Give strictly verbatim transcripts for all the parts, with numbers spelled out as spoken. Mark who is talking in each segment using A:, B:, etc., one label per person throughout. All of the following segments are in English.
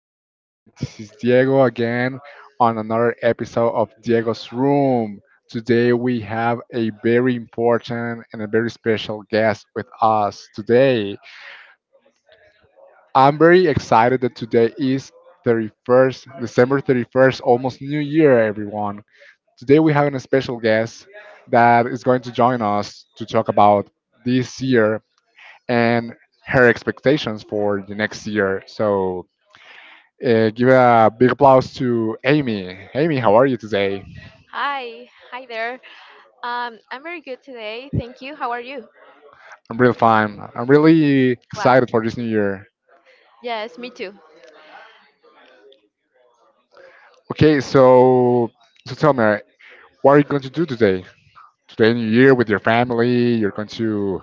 A: today? This is Diego again on another episode of Diego's Room. Today, we have a very important and a very special guest with us today. I'm very excited that today is thirty-first December thirty-first, almost New Year, everyone. Today, we have a special guest that is going to join us to talk about this year and her expectations for the next year. So, Uh, give a big applause to Amy. Amy, how are you today?
B: Hi, hi there. Um, I'm very good today. Thank you. How are you?
A: I'm really fine. I'm really
B: Glad.
A: excited for this new year.
B: Yes, me too.
A: Okay, so so tell me, what are you going to do today? Today, New Year, with your family, you're going to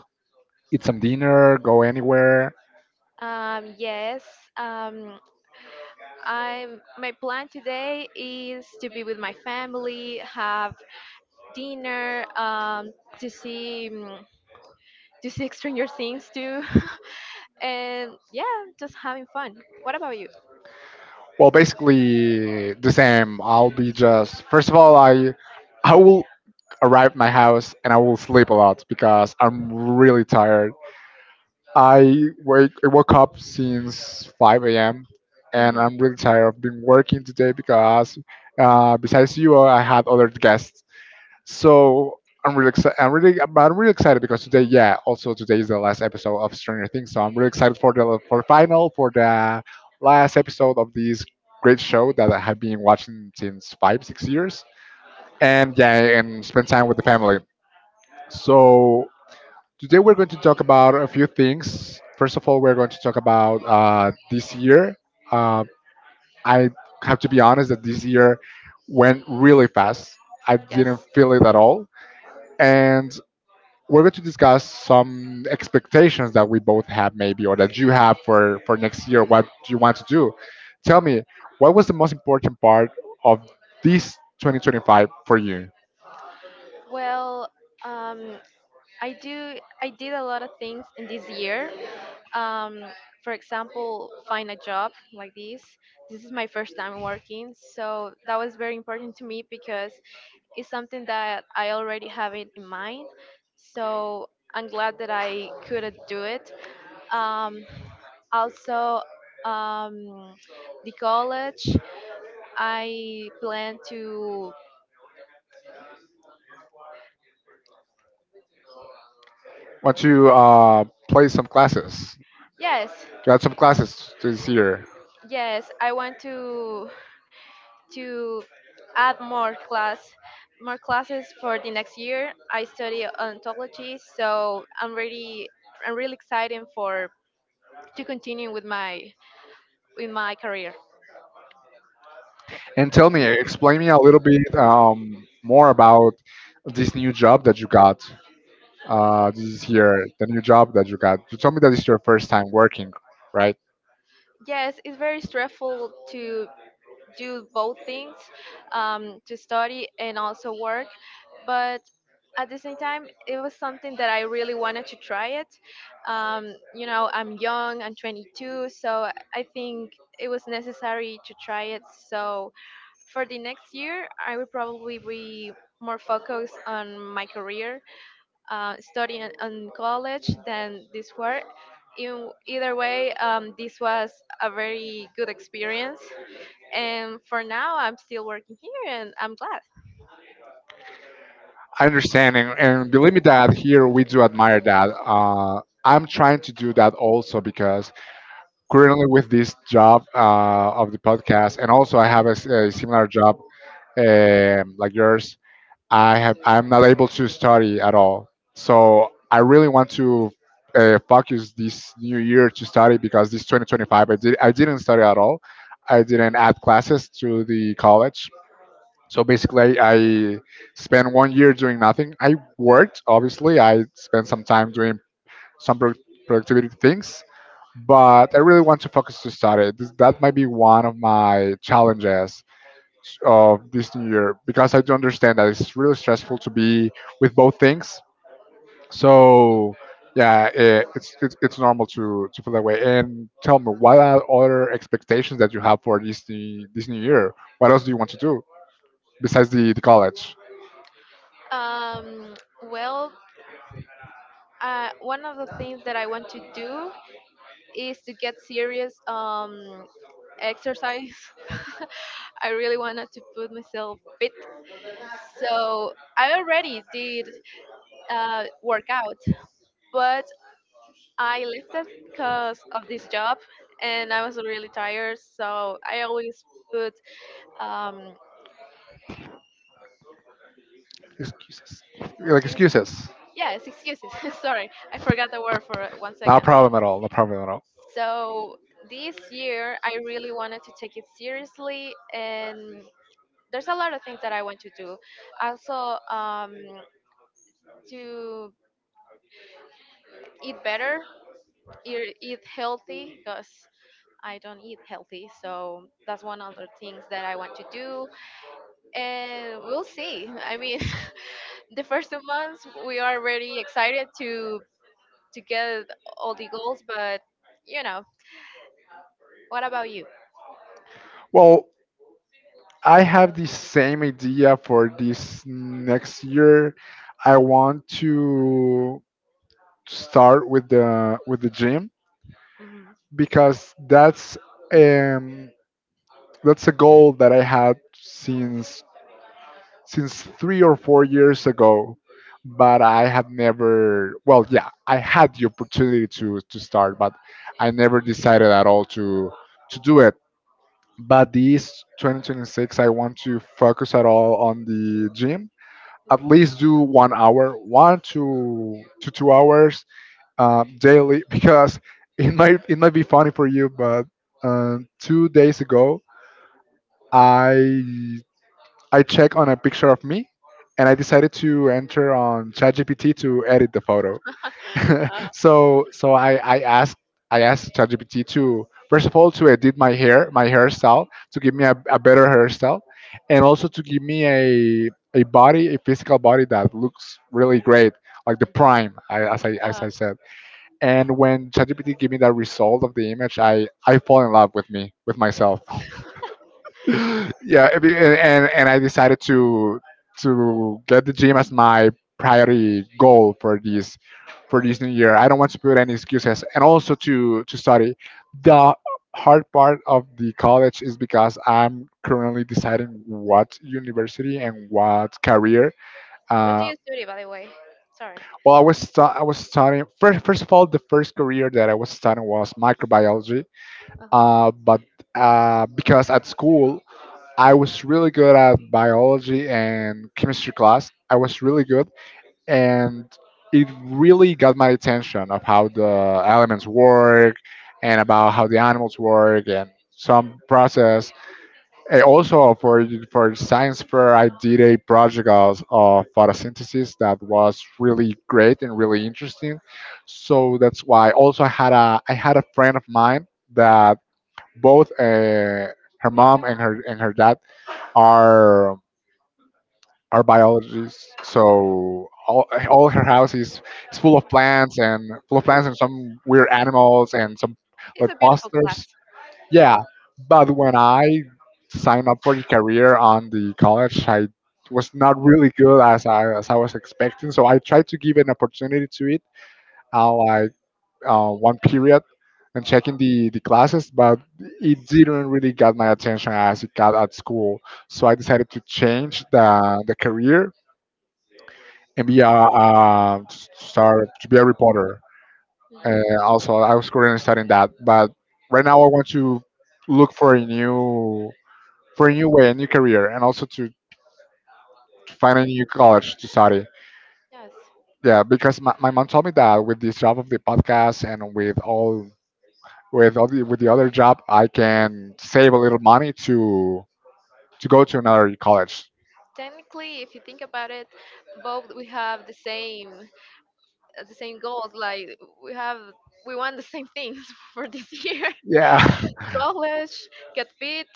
A: eat some dinner, go anywhere.
B: Um, yes. Um, I'm. My plan today is to be with my family, have dinner, um, to see mm, to see Stranger Things too, and yeah, just having fun. What about you?
A: Well, basically the same. I'll be just first of all, I I will arrive at my house and I will sleep a lot because I'm really tired. I wake I woke up since five a m and
B: Mhm.
A: I'm really tired. I've been working today because uh, besides you, I had other guests. So I'm really excited. I'm really, but I'm really excited because today, yeah, also today is the last episode of Stranger Things. So I'm really excited for the for final for the last episode of this great show that I have been watching since five six years. And yeah, and spend time with the family. So today we're going to talk about a few things. First of all, we're going to talk about uh, this year. Uh, I have to be honest that this year went really fast. I
B: Yes.
A: didn't feel it at all. And we're going to discuss some expectations that we both have, maybe, or that you have for, for next year. What do you want to do? Tell me, what was the most important part of this twenty twenty-five for you?
B: Well, um, I do. I did a lot of things in this year. Um, for example, find a job like this. This is my first time working, so that was very important to me because it's something that I already have it in mind. So I'm glad that I could uh, do it. Um, also, um, the college. I plan to.
A: Want to uh, play some classes?
B: Yes,
A: You had some classes this year.
B: yes. I want to to add more class more classes for the next year. I study ontology, so I'm really I'm really excited for to continue with my with my career.
A: And tell me, explain me a little bit um, more about this new job that you got. Uh, this is here, the new job that you got. You told me that it's your first time working, right?
B: Yes, it's very stressful to do both things, um, to study and also work, but at the same time, it was something that I really wanted to try it. Um, you know, I'm young, I'm twenty-two, so I think it was necessary to try it. So for the next year, I will probably be more focused on my career, uh, studying in in college than this work. In either way, um, this was a very good experience, and for now, I'm still working here, and I'm glad.
A: I understand, and, and believe me that here we do admire that. Uh, I'm trying to do that also because currently with this job uh, of the podcast, and also I have a, s- a similar job um, like yours. I have I'm not able to study at all. So I really want to uh, focus this new year to study because this two thousand twenty-five I did I didn't study at all. I didn't add classes to the college. So basically, I spent one year doing nothing. I worked, obviously. I spent some time doing some pro- productivity things, but I really want to focus to study. This, that might be one of my challenges of this new year because I do understand that it's really stressful to be with both things. So yeah, it, it's, it's it's normal to to feel that way. And tell me, what are other expectations that you have for this new- this new year? What else do you want to do besides the the college?
B: Um, well, uh, one of the things that I want to do is to get serious um, exercise. I really wanted to put myself fit. So I already did uh, work out, but I left it because of this job and I was really tired. So I always put um,
A: Excuses. Like
B: excuse.
A: excuses.
B: Yes, excuses. Sorry, I forgot the word for one
A: No
B: second.
A: problem at all. No problem at all.
B: So this year, I really wanted to take it seriously, and there's a lot of things that I want to do. Also, um, to eat better, eat, eat healthy, because I don't eat healthy, so that's one of the things that I want to do. And we'll see. I mean, the first two months we are really excited to to get all the goals, but you know, what about you?
A: Well, I have the same idea for this next year. I want to start with the with the gym
B: Hmm.
A: because that's um that's a goal that I had since since three or four years ago, but I had never, well, yeah, I had the opportunity to to start, but I never decided at all to to do it. But this twenty twenty-six I want to focus at all on the gym, at least do one hour, one to to two hours um, daily, because it might it might be funny for you, but um, two days ago I I checked on a picture of me, and I decided to enter on ChatGPT to edit the photo.
B: Uh,
A: so so I, I asked I asked ChatGPT to first of all to edit my hair my hairstyle to give me a, a better hairstyle and also to give me a a body a physical body that looks really great, like the prime I, as I as
B: uh.
A: I said. And when ChatGPT gave me that result of the image, I I fall in love with me with myself. Yeah, I mean, and, and and I decided to to get the gym as my priority goal for this for this new year. I don't want to put any excuses, and also to to study. The hard part of the college is because I'm currently deciding what university and what career.
B: What do
A: uh,
B: you study, by the way? Sorry.
A: well i was stu- I was studying first first of all, the first career that I was studying was microbiology.
B: Uh-huh.
A: Uh, but uh, Because at school I was really good at biology and chemistry class. I was really good, and it really got my attention of how the elements work and about how the animals work and some process. And also for for science fair, I did a project of, of photosynthesis that was really great and really interesting. So that's why. Also, I had a I had a friend of mine that both. Uh, her mom and her and her dad are are biologists. So all, all her house is, is full of plants and full of plants and some weird animals and some
B: It's
A: like
B: a beautiful class.
A: posters. Yeah, but when I signed up for the career on the college, I was not really good as I as I was expecting. So I tried to give an opportunity to it. How I uh, one period and checking the, the classes, but it didn't really got my attention as it got at school. So I decided to change the, the career and be a, uh, to start to be a reporter. And
B: Mhm.
A: also, I was currently studying that, but right now I want to look for a new for a new way, a new career, and also to, to find a new college to study.
B: Yes.
A: Yeah, because my, my mom told me that with this job of the podcast and with all with other, with the other job, I can save a little money to to go to another college.
B: Technically, if you think about it, both we have the same. uh, the same goals. Like we have, we want the same things for this year:
A: Yeah.
B: college, get fit,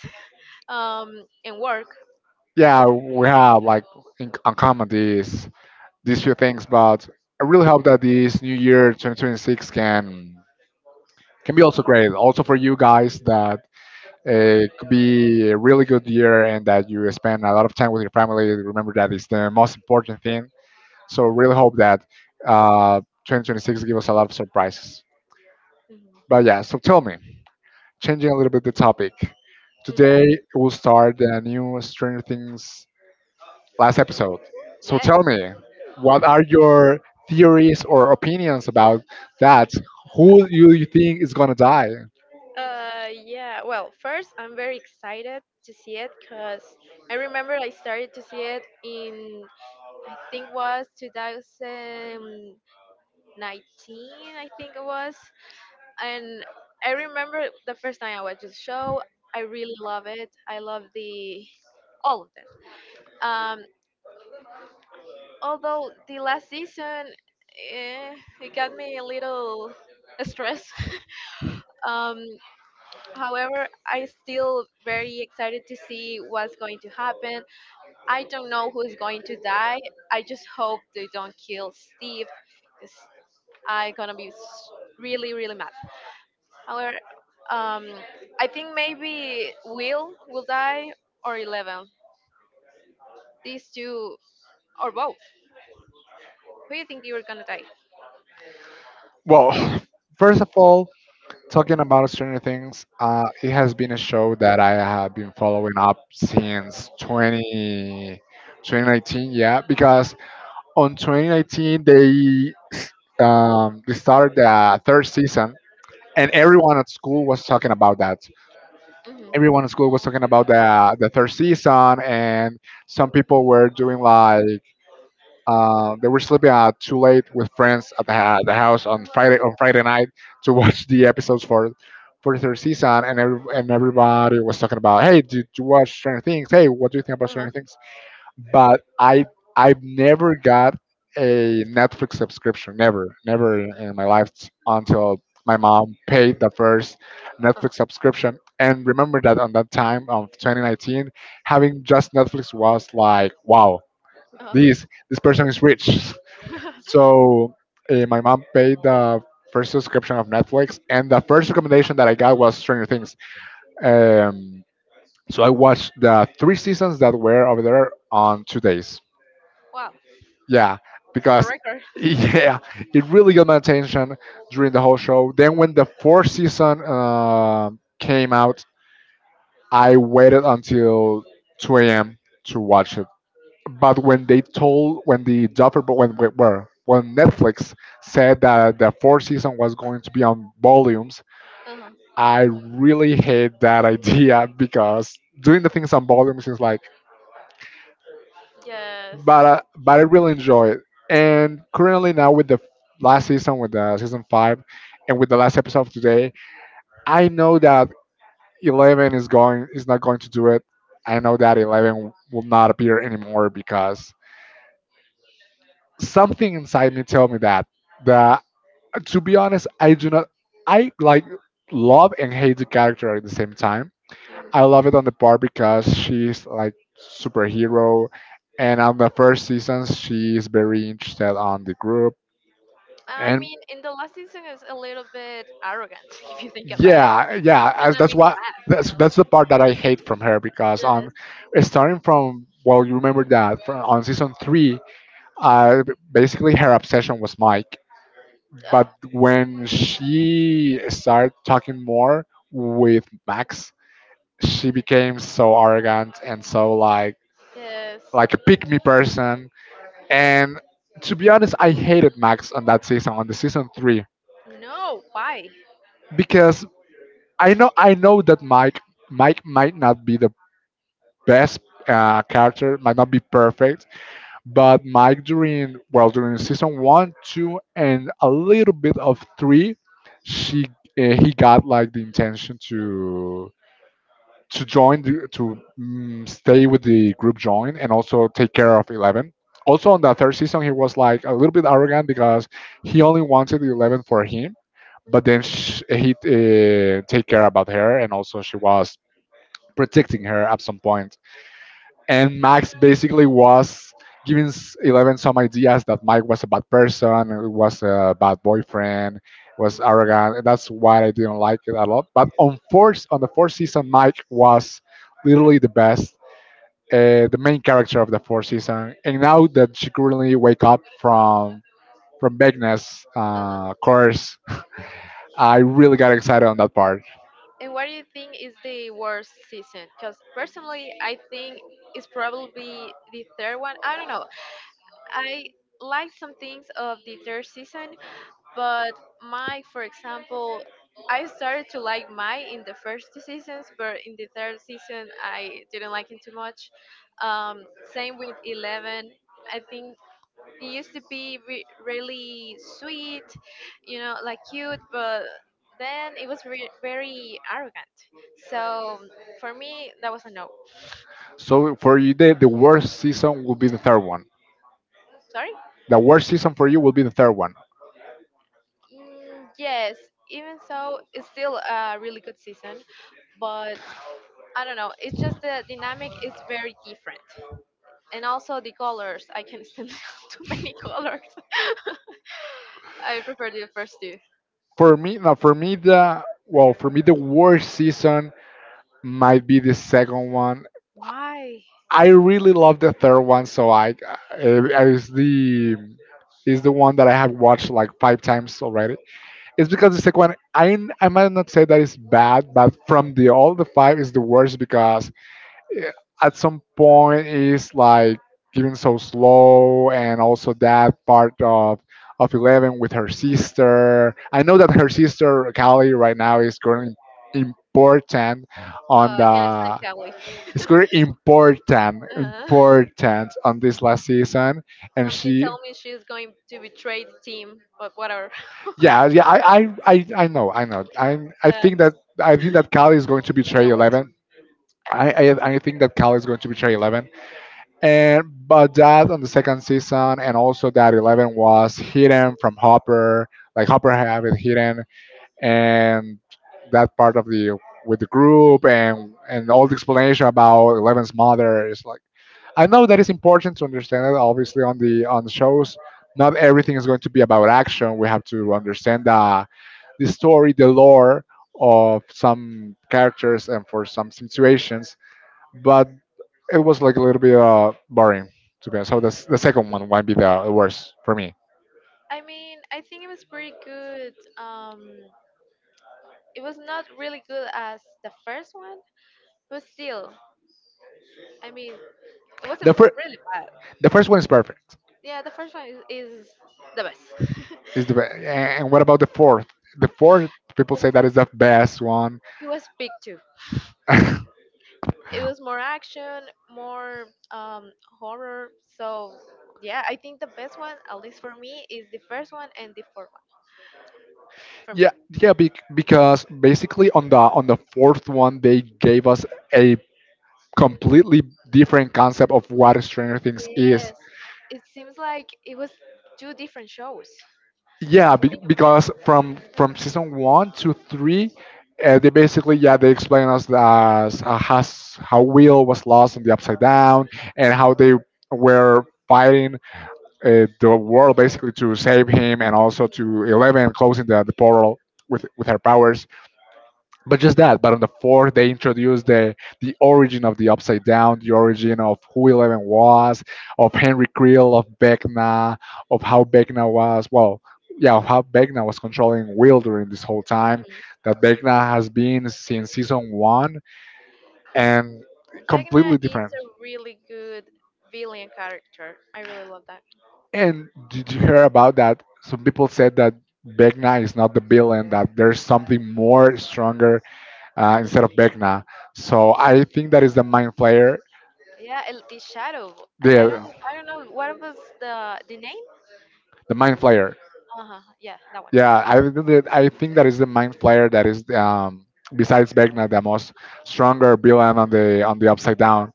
B: um, and work.
A: Yeah, we have like in uncommon these these few things, but I really hope that this new year twenty twenty-six can can be also great, also for you guys, that uh, it could be a really good year and that you spend a lot of time with your family. Remember that it's the most important thing. So really hope that uh, twenty twenty-six give us a lot of surprises.
B: Mhm.
A: But yeah, so tell me, changing a little bit the topic. Today
B: Mm.
A: we'll start the new Stranger Things last episode. So
B: Yes.
A: tell me, what are your theories or opinions about that? Who do you think is gonna die?
B: Uh, yeah. Well, first, I'm very excited to see it because I remember I started to see it in I think was two thousand nineteen. I think it was, and I remember the first time I watched the show. I really love it. I love the all of them. Um, although the last season, eh, it got me a little stressed. Um, however, I still very excited to see what's going to happen. I don't know who's going to die. I just hope they don't kill Steve, because I gonna be s- really really mad. However, um, I think maybe Will will die or Eleven. These two or both. Who do you think you're gonna die?
A: Well, first of all, talking about Stranger Things, uh, it has been a show that I have been following up since twenty twenty nineteen. Yeah, because on twenty nineteen they um, they started the third season and everyone at school was talking about that.
B: Hmm.
A: Everyone at school was talking about the the third season, and some people were doing like uh, they were sleeping out too late with friends at the, ha- the house on Friday on Friday night to watch the episodes for for the third season, and every, and everybody was talking about, hey, did you watch Stranger Things? Hey, what do you think about
B: Uh,
A: Stranger Things? But I I've never got a Netflix subscription. Never, never in in my life s- until my mom paid the first Netflix subscription. And remember that on that time of twenty nineteen,
B: uh,
A: having just Netflix was like, wow,
B: uh.
A: this this person is rich. So uh, my mom paid the first subscription of Netflix, and the first recommendation that I got was Stranger Things. Um, so I watched the three seasons that were over there on two days.
B: Wow,
A: Yeah,
B: it's a
A: because
B: record.
A: yeah, it really got my attention during the whole show. Then when the fourth season um came out, I waited until two a m to watch it. But when they told when the Duffer when when where- when Netflix said that the fourth season was going to be on volumes,
B: Uh-huh.
A: I really hate that idea because doing the things on volumes is like,
B: Yes.
A: but uh, but I really enjoy it. And currently now with the f- last season, with the season five, and with the last episode of today, I know that Eleven is going is not going to do it. I know that Eleven will not appear anymore because something inside me tell me that. That to be honest, I do not. I like, love and hate the character at the same time. I
B: Mm.
A: love it on the part because she's like superhero and on the first season she's very interested on the group
B: I
A: and
B: mean, in the last season is a little bit arrogant if you think about it.
A: yeah
B: It
A: yeah as
B: kind of
A: that's
B: made me
A: what
B: mad.
A: that's that's the part that I hate from her because, on starting from, well, you remember that from, on season three, uh basically her obsession was Mike. But when she started talking more with Max, she became so arrogant and so like,
B: Yes.
A: like a pick me person. And
B: Uh,
A: to be honest, I hated Max on that
B: yes.
A: season, on the season three,
B: No, why?
A: because i
B: Mm.
A: know i know that mike Mike might not be the best,
B: Uh,
A: uh, character might not be perfect, but Mike during, well, during season one, two, and a little bit of three, she uh, he got like the intention to to join the, to mm, stay with the group, join, and also take care of Eleven. Also on the third season, he was like a little bit arrogant because he only wanted Eleven for him, but then sh he uh, take care about her, and also she was protecting her at some point, and Max basically was giving s- Eleven some ideas that Mike was a bad person, was a bad boyfriend, was arrogant. And That's why I didn't like it a lot. But on fourth, on the fourth season, Mike was literally the best, uh, the main character of the fourth season. And now that she currently wake up from from Magnus' uh, course, I really got excited on that part.
B: and what do you think is the worst season? Because personally, I think it's probably the third one. I don't know. I like some things of the third season, but my for example I started to like my in the first two seasons but in the third season I didn't like it too much. Um, same with eleven. I think it used to be re- really sweet, you know, like cute, but then it was re- very arrogant, so for me that was a no.
A: So for you, the, the worst season will be the third one.
B: Sorry.
A: The worst season for you will be the third one.
B: Mm, yes, even so it's still a really good season, but I don't know. It's just the dynamic is very different, and also the colors. I can't stand too many colors. I prefer the first two.
A: For me, now for me the well, for me, the worst season might be the second one.
B: Why?
A: I really love the third one, so I uh, I- it's the is the one that I have watched like five times already. It's because the second one, I I might not say that it's bad, but from the all the five is the worst because at some point is like giving so slow, and also that part of of eleven with her sister. I know that her sister Callie right now is growing important on
B: Oh, I can't stand
A: the.
B: Kelly.
A: It's very important
B: Uh,
A: important on this last season, and
B: Something
A: she.
B: tell me she's going to betray the team, but whatever.
A: Yeah yeah I I I, I know I know I i
B: Uh,
A: think that I think that Callie is going to
B: you
A: betray
B: know it.
A: eleven. I, I, I think that Cal is going to betray Eleven, and but that on the second season, and also that Eleven was hidden from Hopper, like Hopper had it hidden, and that part of the with the group, and and all the explanation about Eleven's mother, is like, I know that is important to understand it. Obviously, on the on the shows, not everything is going to be about action. We have to understand the the story, the lore of some characters, and for some situations. But it was like a little bit, uh, boring, to be honest. So the s- the second one might be the the worst for me.
B: I mean, I think it was pretty good. Um, it was not really good as the first one, but still, I mean, it wasn't
A: The first
B: really bad.
A: the first one is perfect.
B: Yeah, the first one is, is the best.
A: Is the be- and what about the fourth? The fourth, people say, that is the best one.
B: It was big too. It was more action, more um, horror. So yeah, I think the best one, at least for me, is the first one and the fourth one for me.
A: Yeah, yeah, bec- because basically on the on the fourth one they gave us a completely different concept of what Stranger Things is.
B: Yes, it seems like it was two different shows. If
A: Yeah,
B: you
A: be-
B: think about
A: because
B: it.
A: from from season one to three, uh, they basically, yeah, they explain us as uh, has how Will was lost in the Upside Down, and how they were fighting, uh, the world basically, to save him, and also to Eleven closing the, the portal with with her powers, but just that. But on the fourth they introduced the the origin of the upside down, the origin of who Eleven was, of Henry Creel, of Vecna, of how Vecna was, well, yeah, of how Vecna was controlling Will during this whole time,
B: Mhm.
A: that Vecna has been since season one, and
B: Vecna
A: completely
B: is
A: different.
B: a really good villain character. I really love that.
A: And did you hear about that some people said that Begna is not the villain, that there's something more stronger, uh, instead of Begna? So I think that is the mind flayer,
B: Yeah, El the Shadow. I, I don't
A: the
B: I don't know what was the the name.
A: the mind flayer.
B: Uh huh. Yeah, that one.
A: Yeah, I think that I think that is the mind flayer that is, um besides Vecna, the most stronger villain on the on the upside down.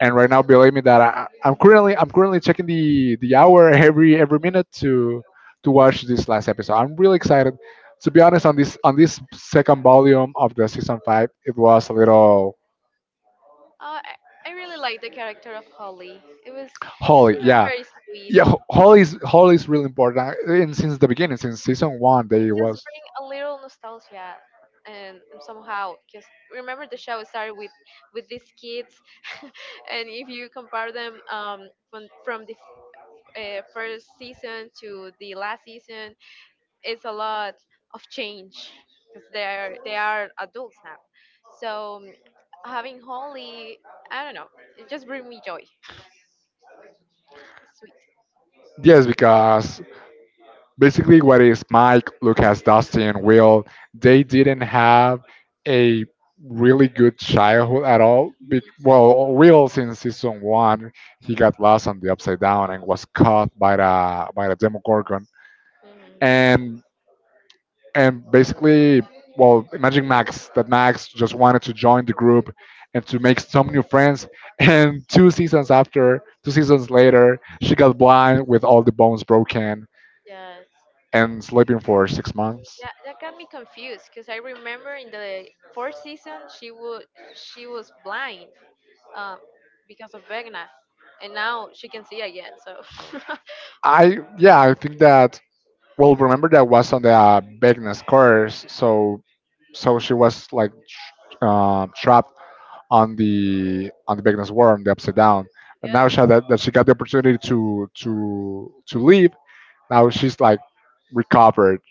A: And right now, believe me that I, I'm currently I'm currently checking the the hour every every minute to to watch this last episode. I'm really excited. To be honest, on this on this second volume of the season five, it was a little.
B: Uh, I I really like the character of Holly. It was
A: Holy.
B: She was
A: Yeah,
B: very sweet.
A: yeah. ho- Holy is holy is really important. And since the beginning, since season one,
B: It
A: they
B: just
A: was.
B: bring a little nostalgia, and somehow just remember the show started with with these kids, and if you compare them um from from the uh, first season to the last season, it's a lot of change because they are they are adults now. So um, having Holly, I don't know, it just bring me joy. It's
A: Yes, because basically what is Mike, Lucas, Dustin, Will, they didn't have a really good childhood at all. Be-
B: sweet.
A: well, Will, since season one, he got lost on the upside down and was caught by the by the Demogorgon.
B: Mhm.
A: And and basically, well, imagine Max, that Max just wanted to join the group and to make some new friends. And two seasons after, two seasons later, she got blind with all the bones broken
B: Yes.
A: and sleeping for six months.
B: Yeah, that got me confused because I remember in the fourth season she would she was blind um, because of Vegna, and now she can see again. So I
A: I Yeah, I think that, well, remember that was on the, uh, Begna's course, so so she was like, tr- uh, trapped on the on the Begna's worm, the upside down. But now
B: guess
A: she that, that she got the opportunity to to to leave, now she's like recovered.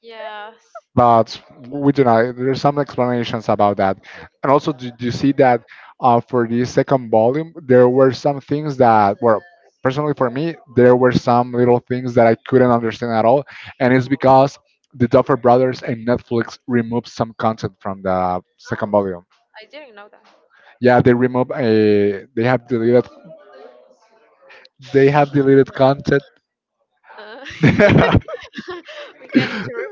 B: yes.
A: But we do not. There are some explanations about that. And also, did you see that, uh, for the second volume, there were some things that were, personally for me, there were some little things that I couldn't understand at all, and it's because the Duffer Brothers and Netflix removed some content from the second
B: Oh,
A: volume.
B: I didn't know that.
A: Yeah, they removed a. They have deleted. They have deleted content.
B: Uh, we got interrupted.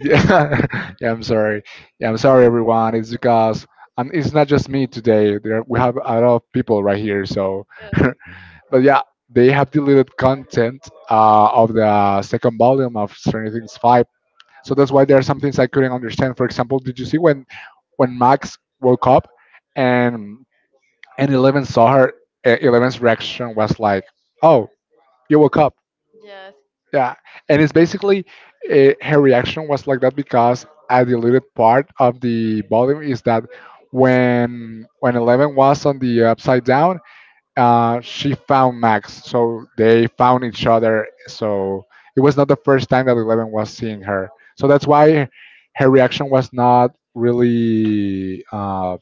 A: Yeah, yeah, I'm sorry. Yeah, I'm sorry, everyone. It's because, and it's not just me today. There, we have a lot of people right here. So,
B: Yes.
A: but yeah, they have deleted content, uh, of the second volume of Stranger Things Five. So that's why there are some things I couldn't understand. For example, did you see when when Max woke up and and Eleven saw her? uh, Eleven's reaction was like, "Oh, you woke up."
B: Yes.
A: Yeah, and it's basically, uh, her reaction was like that because a deleted part of the volume is that when when Eleven was on the upside down, uh, she found Max, so they found each other. So it was not the first time that Eleven was seeing her. So that's why her reaction was not really, uh,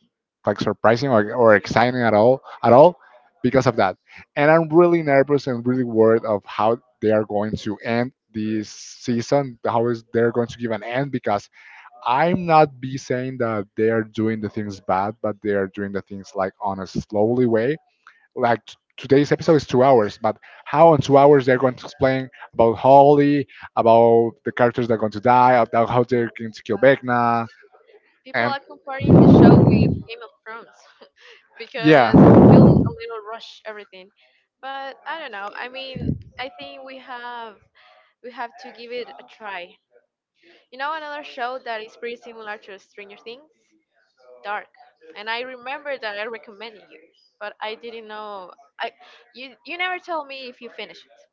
A: like surprising or, or exciting at all, at all, because of that. And I'm really nervous and really worried of how they are going to end this season. How is they're going to give an end? Because I'm not be saying that they are doing the things bad, but they are doing the things like on a slowly way, like t- today's episode is two hours, but how in two hours they're going to explain about Holly, about the characters that are going to die, about how
B: Mm.
A: they're going to kill Vecna,
B: People
A: and
B: are comparing the show with Game of Thrones because
A: yeah.
B: it feels a little rush everything. But I don't know. I mean, I think we have we have to give it a try. You know, another show that is pretty similar to Stranger Things? Dark. And I remember that I recommended you, but I didn't know. I You you never told me if you finished it.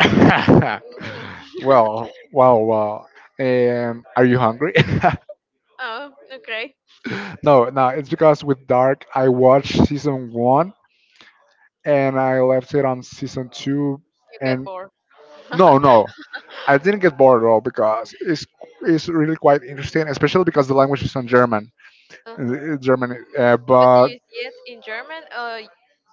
B: Mhm.
A: Well, well, well. Um, are you hungry?
B: Oh, okay.
A: No, no. It's because with Dark, I watched season one, and I left it on season two,
B: You get
A: and
B: bored.
A: no,
B: Uh-huh.
A: no. I didn't get bored at all because it's it's really quite interesting, especially because the language is in German, uh, German. Uh,
B: But do
A: but
B: you see it in German or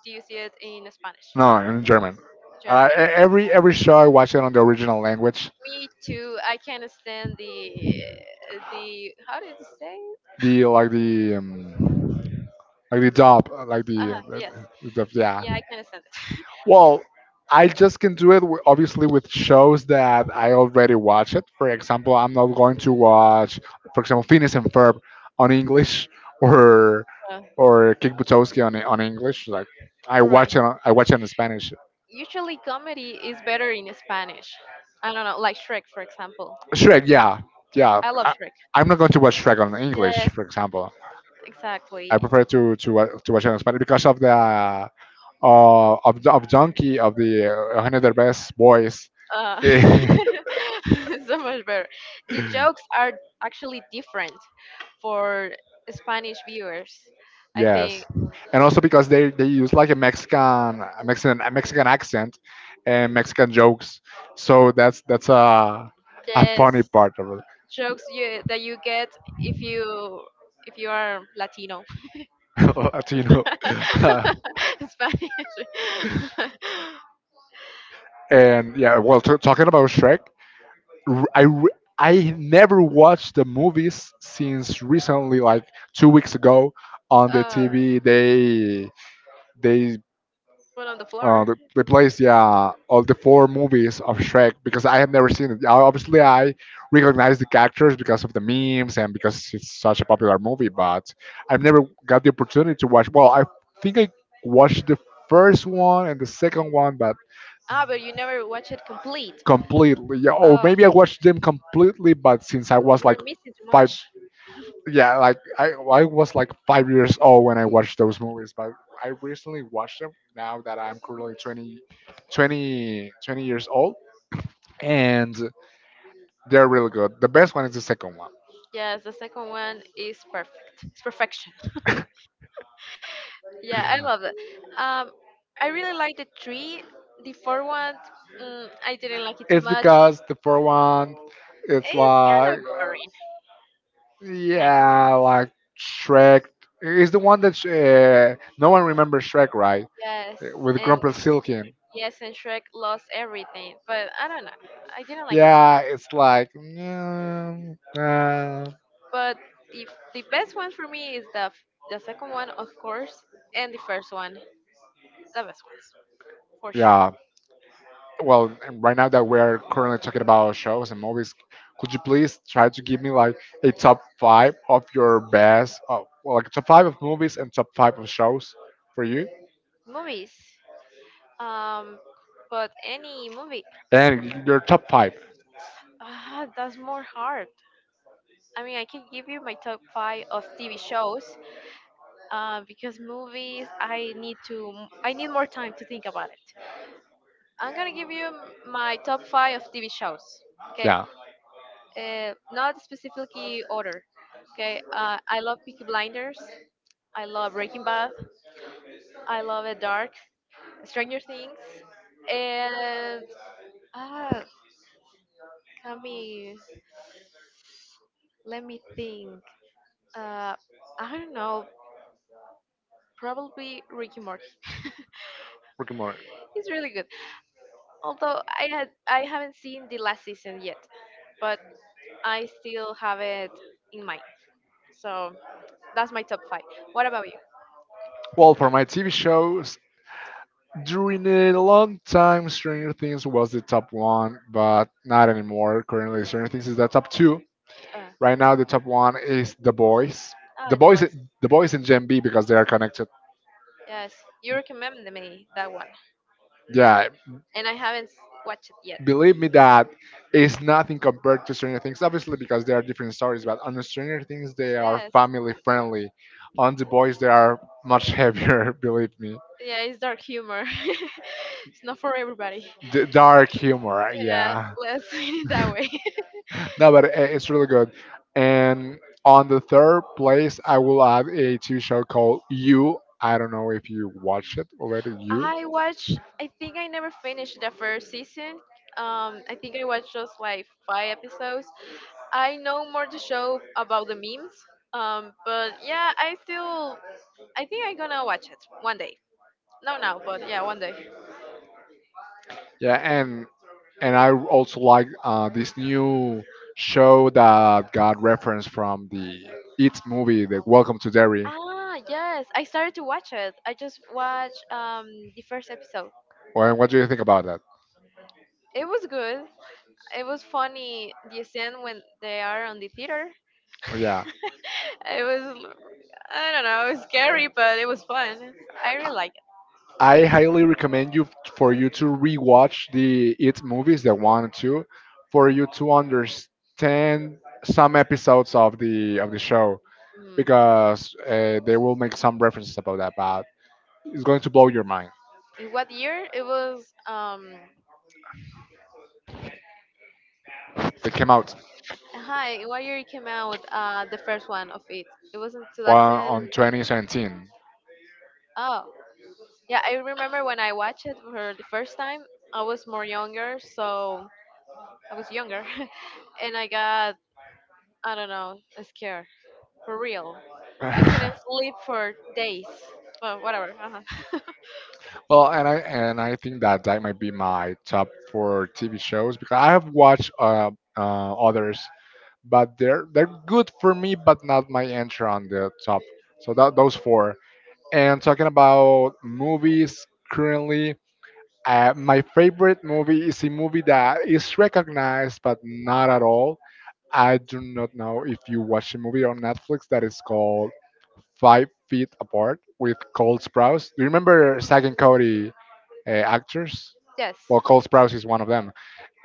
B: do you see it in Spanish?
A: no, in German.
B: German.
A: Uh, e- every every show I watch it on the original language.
B: Me too. I can't stand the the how did it say?
A: The, like the, um, like the dub, like
B: Uh,
A: the,
B: yes.
A: the, the, the yeah.
B: Yeah, I can't stand it.
A: Well, I just can do it wi- obviously with shows that I already watch it. For example, I'm not going to watch, for example, Phineas and Ferb on English or
B: Uh,
A: or Kick Butowski on on English. Like I watch
B: right.
A: it on- I watch it in Spanish.
B: Usually comedy is better in Spanish. I don't know, like Shrek for example.
A: Shrek, yeah, yeah.
B: I love
A: I,
B: Shrek.
A: I'm not going to watch Shrek on English,
B: Yes,
A: for example.
B: exactly.
A: I prefer to to wa- to watch it in Spanish because of the, uh, of of Donkey of the, uh, Eugenio Derbez voice.
B: Uh, so much better. The jokes are actually different for Spanish viewers. I
A: Yes.
B: think
A: And also because they, they use like a Mexican a Mexican a Mexican accent and Mexican jokes. So that's that's a a
B: yes,
A: funny part of
B: jokes you that you get if you if you are Latino.
A: it, you know.
B: In Spanish.
A: And yeah, well, t- talking about Shrek, r- I re- I never watched the movies since recently, like two weeks ago on the
B: uh,
A: T V. They they
B: well, on the
A: uh,
B: floor.
A: they they plays, yeah, all the four movies of Shrek because I have never seen it. I- Obviously, I recognize the characters because of the memes and because it's such a popular movie, but I've never got the opportunity to watch. Well, I think I watched the first one and the second one, but
B: Ah, but you never watch it complete.
A: completely, yeah, or
B: Oh,
A: maybe I watched them completely, but since I was
B: we're
A: like
B: missing too
A: five
B: much.
A: yeah, like I I was like five years old when I watched those movies, but I recently watched them now that I'm currently twenty, twenty, twenty years old, and they're really good. The best one is the second one.
B: Yes, the second one is perfect. It's perfection. Yeah, I love that. Um, I really like the three. The four one, mm, I didn't like it too
A: It's
B: much.
A: because the first one, it's
B: It's kind
A: like
B: of
A: uh,
B: boring, kind.
A: yeah, like Shrek. It's the one that sh- uh, no one remembers Shrek, right?
B: Yes,
A: With
B: and
A: Grumpel Silkin.
B: Yes, and Shrek lost everything, but I don't know. I didn't like it.
A: Yeah, it's like, mm, uh,
B: But the the best one for me is the f- the second one, of course, and the first one, the best ones for sure.
A: yeah. Well, and right now that we're currently talking about shows and movies, could you please try to give me like a top five of your best, uh, well, like top five of movies and top five of shows for you,
B: Movies, um, but any movie,
A: and your top five.
B: ah, that's more hard. I mean, I can give you my top five of TV shows, uh, because movies, I need to, I need more time to think about it. I'm gonna give you m- my top five of T V shows. Okay,
A: Yeah,
B: uh, not specifically order. Okay, uh, I love Peaky Blinders. I love Breaking Bad. I love it Dark, Stranger Things, and ah, Kami. Let me think. Uh, I don't know. Probably Ricky Morty.
A: Rick and Morty.
B: It's really good. Although I had I haven't seen the last season yet, but I still have it in mind. So that's my top five. What about you?
A: Well, for my T V shows, during a long time, Stranger Things was the top one, but not anymore. Currently, Stranger Things is the top two.
B: Uh,
A: Right now, the top one is The Boys.
B: oh,
A: The
B: The
A: Boys,
B: Boys.
A: The Boys and Gen B because they are connected.
B: Yeah. Yes, you recommended me that one, and I
A: Yeah,
B: and I haven't s- watched it yet.
A: believe me that it's nothing compared to Stranger Things. Obviously, because they are different stories, but on Stranger Things they are
B: Yes,
A: family friendly. On The Boys they are much heavier. believe me,
B: yeah, it's dark humor. It's not for everybody.
A: D- dark humor.
B: Yeah,
A: Yeah,
B: let's put it that way.
A: no, but i- it's really good. And on the third place, I will add a T V show called You. I don't know if you watched it already. You.
B: I watched. I think I never finished the first season. Um, I think I watched just like five episodes. I know more to show about the memes. Um, but yeah, I still. I think I'm gonna watch it one day. No, now, but yeah, one day.
A: Yeah, and and I also like uh, this new show that got reference from the It movie, the Welcome to Derry.
B: Ah, yes, I started to watch it. I just watched um the first episode. Uh,
A: Well, what do you think about that?
B: it was good. It was funny. The scene when they are on the theater.
A: Yeah.
B: It was I don't know, it was scary, but it was fun. I really like
A: I highly recommend you for you to rewatch the It movies, the one and two, for you to understand some episodes of the of the show.
B: it. Mm.
A: Because uh, they will make some references about that, but it's going to blow your mind.
B: In what year it was? Um,
A: They came out
B: hi, in what year it came out? Uh, the first one of it. It was in
A: one
B: two thousand.
A: on twenty seventeen.
B: Oh, yeah, I remember when I watched it for the first time. I was more younger, so I was younger, and I got I don't know scared for real. I couldn't sleep for days. Well, whatever. Uh-huh.
A: well, and I and I think that that might be my top four T V shows because I have watched uh, uh, others, but they're they're good for me, but not my entry on the top. So that those four. And talking about movies currently, uh, my favorite movie is a movie that is recognized but not at all. I do not know if you watch a movie on Netflix that is called Five Feet Apart with Cole Sprouse. Do you remember Zack and Cody uh, actors?
B: Yes.
A: Well, Cole Sprouse is one of them.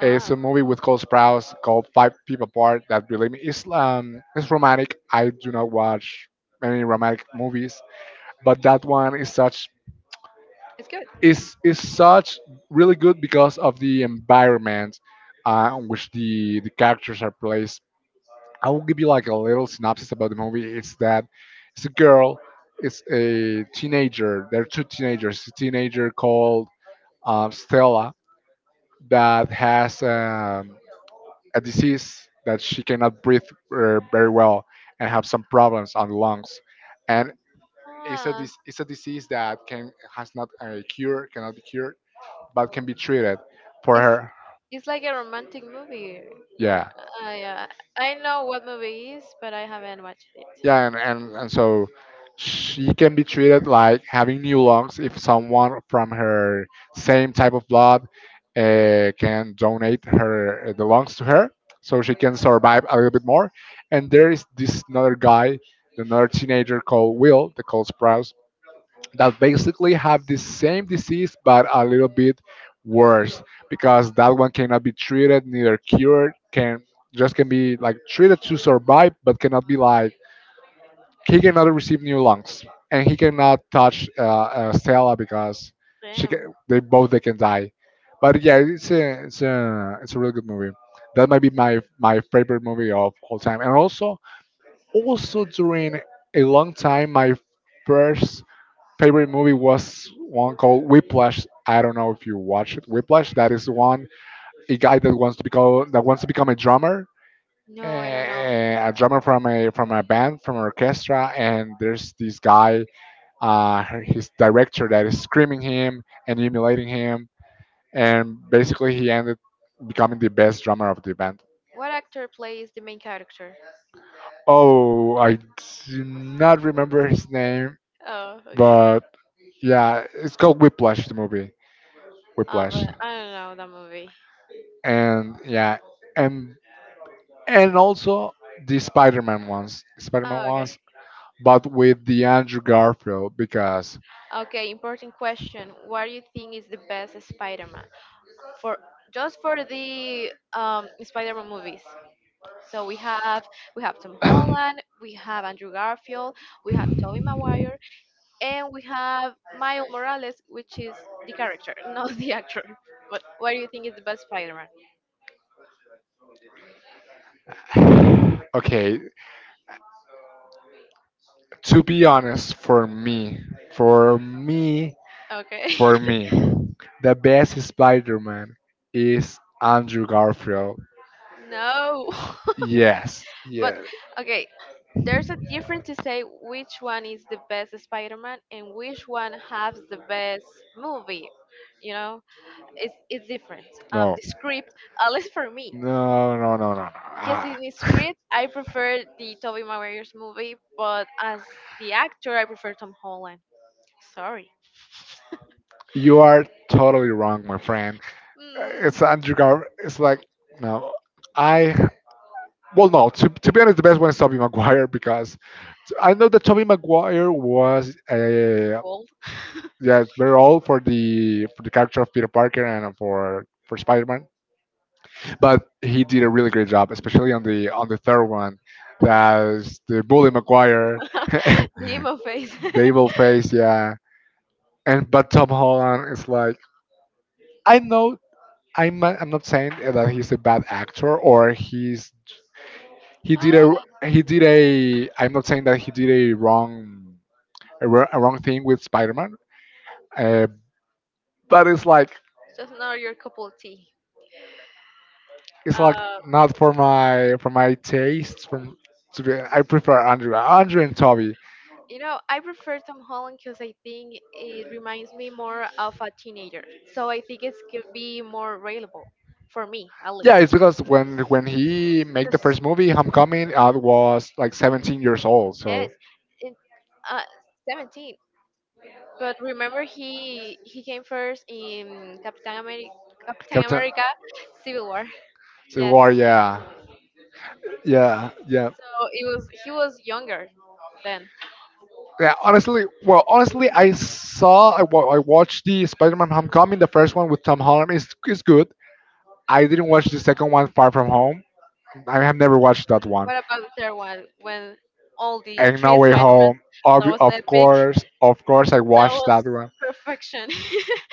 A: It's a movie with Cole Sprouse called Five Feet Apart that, believe me, is um, it's romantic. I do not watch many romantic movies, but that one is such
B: it's good.
A: is is such really good because of the environment uh, in which the the characters are placed. I will give you like a little synopsis about the movie. It's that it's a girl, it's a teenager. There are two teenagers. A teenager called um, Stella that has um, a disease that she cannot breathe uh, very well and have some problems on the lungs, and it's a
B: Ah,
A: dis- it's a disease that can has not a cure, cannot be cured but can be treated for
B: it's
A: her.
B: it's like a romantic movie. Or,
A: Yeah,
B: I uh, I know what movie it is, but I haven't watched it.
A: yeah, and and, and so she can be treated like having new lungs if someone from her same type of blood
B: Mhm.
A: uh, can donate her uh, the lungs to her, so she can survive a little bit more. And there is this another guy, another teenager called Will, the calls Sprouse that basically have the same disease but a little bit worse because that one cannot be treated neither cured can just can be like treated to survive but cannot be like he cannot receive new lungs and he cannot touch uh, uh, Stella because she
B: Damn.
A: can, they both they can die but yeah it's a, it's a it's a really good movie that might be my my favorite movie of all time and also also during a long time my first favorite movie was one called Whiplash. I don't know if you watched it. Whiplash. That is one a guy that wants to become that wants to become a drummer,
B: No, I don't know.
A: eh, a drummer from a from a band from an orchestra. And there's this guy, uh, his director that is screaming him and humiliating him, and basically he ended becoming the best drummer of the band.
B: What actor plays the main character?
A: Oh, I do not remember his name,
B: Oh, okay.
A: but yeah, it's called Whiplash. The movie
B: Oh,
A: Whiplash.
B: but I don't know that movie.
A: And yeah, and and also the Spider-Man ones, Spider-Man
B: Oh, okay.
A: ones, but with the Andrew Garfield because
B: Okay, important question. What do you think is the best Spider-Man for just for the um, Spider-Man movies? So we have we have Tom Holland, we have Andrew Garfield, we have Tobey Maguire, and we have Miles Morales, which is the character, not the actor. But what do you think is the best Spider-Man?
A: okay, to be honest, for me, for me,
B: Okay.
A: for me, the best Spider-Man is Andrew Garfield.
B: No.
A: Yes,
B: But
A: yeah,
B: okay, there's a difference to say which one is the best Spider-Man and which one has the best movie. You know, it's it's different. Um,
A: no.
B: the script, at least for me,
A: No, no, no, no, no.
B: because in
A: Ah.
B: the script I prefer the Tobey Maguire's movie, but as the actor I prefer Tom Holland. Sorry,
A: You are totally wrong, my friend.
B: mm,
A: It's
B: too
A: Andrew Gar. It's like no, I. Well, no. To, to be honest, the best one is Tobey Maguire because I know that Tobey Maguire was uh,
B: old.
A: yeah it's very old for the for the character of Peter Parker and for for Spider Man, but he did a really great job, especially on the on the third one.
B: Uh,
A: That's the bully Maguire, the
B: the emo face.
A: evil face. Yeah, and but Tom Holland is like I know I'm not- I'm not saying that he's a bad actor or he's he did
B: Ah,
A: a he did a I'm not saying that he did a wrong a, wr- a wrong thing with Spider-Man, uh, but it's like
B: Just not your cup of tea.
A: it's like
B: Uh,
A: not for my for my taste from to be I prefer Andrew Andrew and Toby.
B: You know, I prefer Tom Holland because I think it reminds me more of a teenager. So I think it could be more available for me, at least.
A: Yeah, it's because when when he made the
B: 'Cause-
A: first movie, Homecoming, I was like seventeen years old. So
B: yes, it, uh, seventeen. But remember, he he came first in Captain America, Captain
A: Captain
B: America Civil War.
A: Civil
B: Yes,
A: War,
B: so
A: yeah, yeah, yeah.
B: it was he was younger then.
A: Yeah, honestly, well, honestly, I saw, I, wa- I watched the Spider-Man Homecoming. The first one with Tom Holland is is good. I didn't watch the second one, Far From Home. I have never watched that one.
B: What about the third one when all the
A: And No
B: three
A: Way
B: Spider-Man?
A: Home.
B: That
A: Ob-
B: was
A: of
B: epic.
A: course, of course, I
B: That
A: watched
B: was
A: that one.
B: perfection.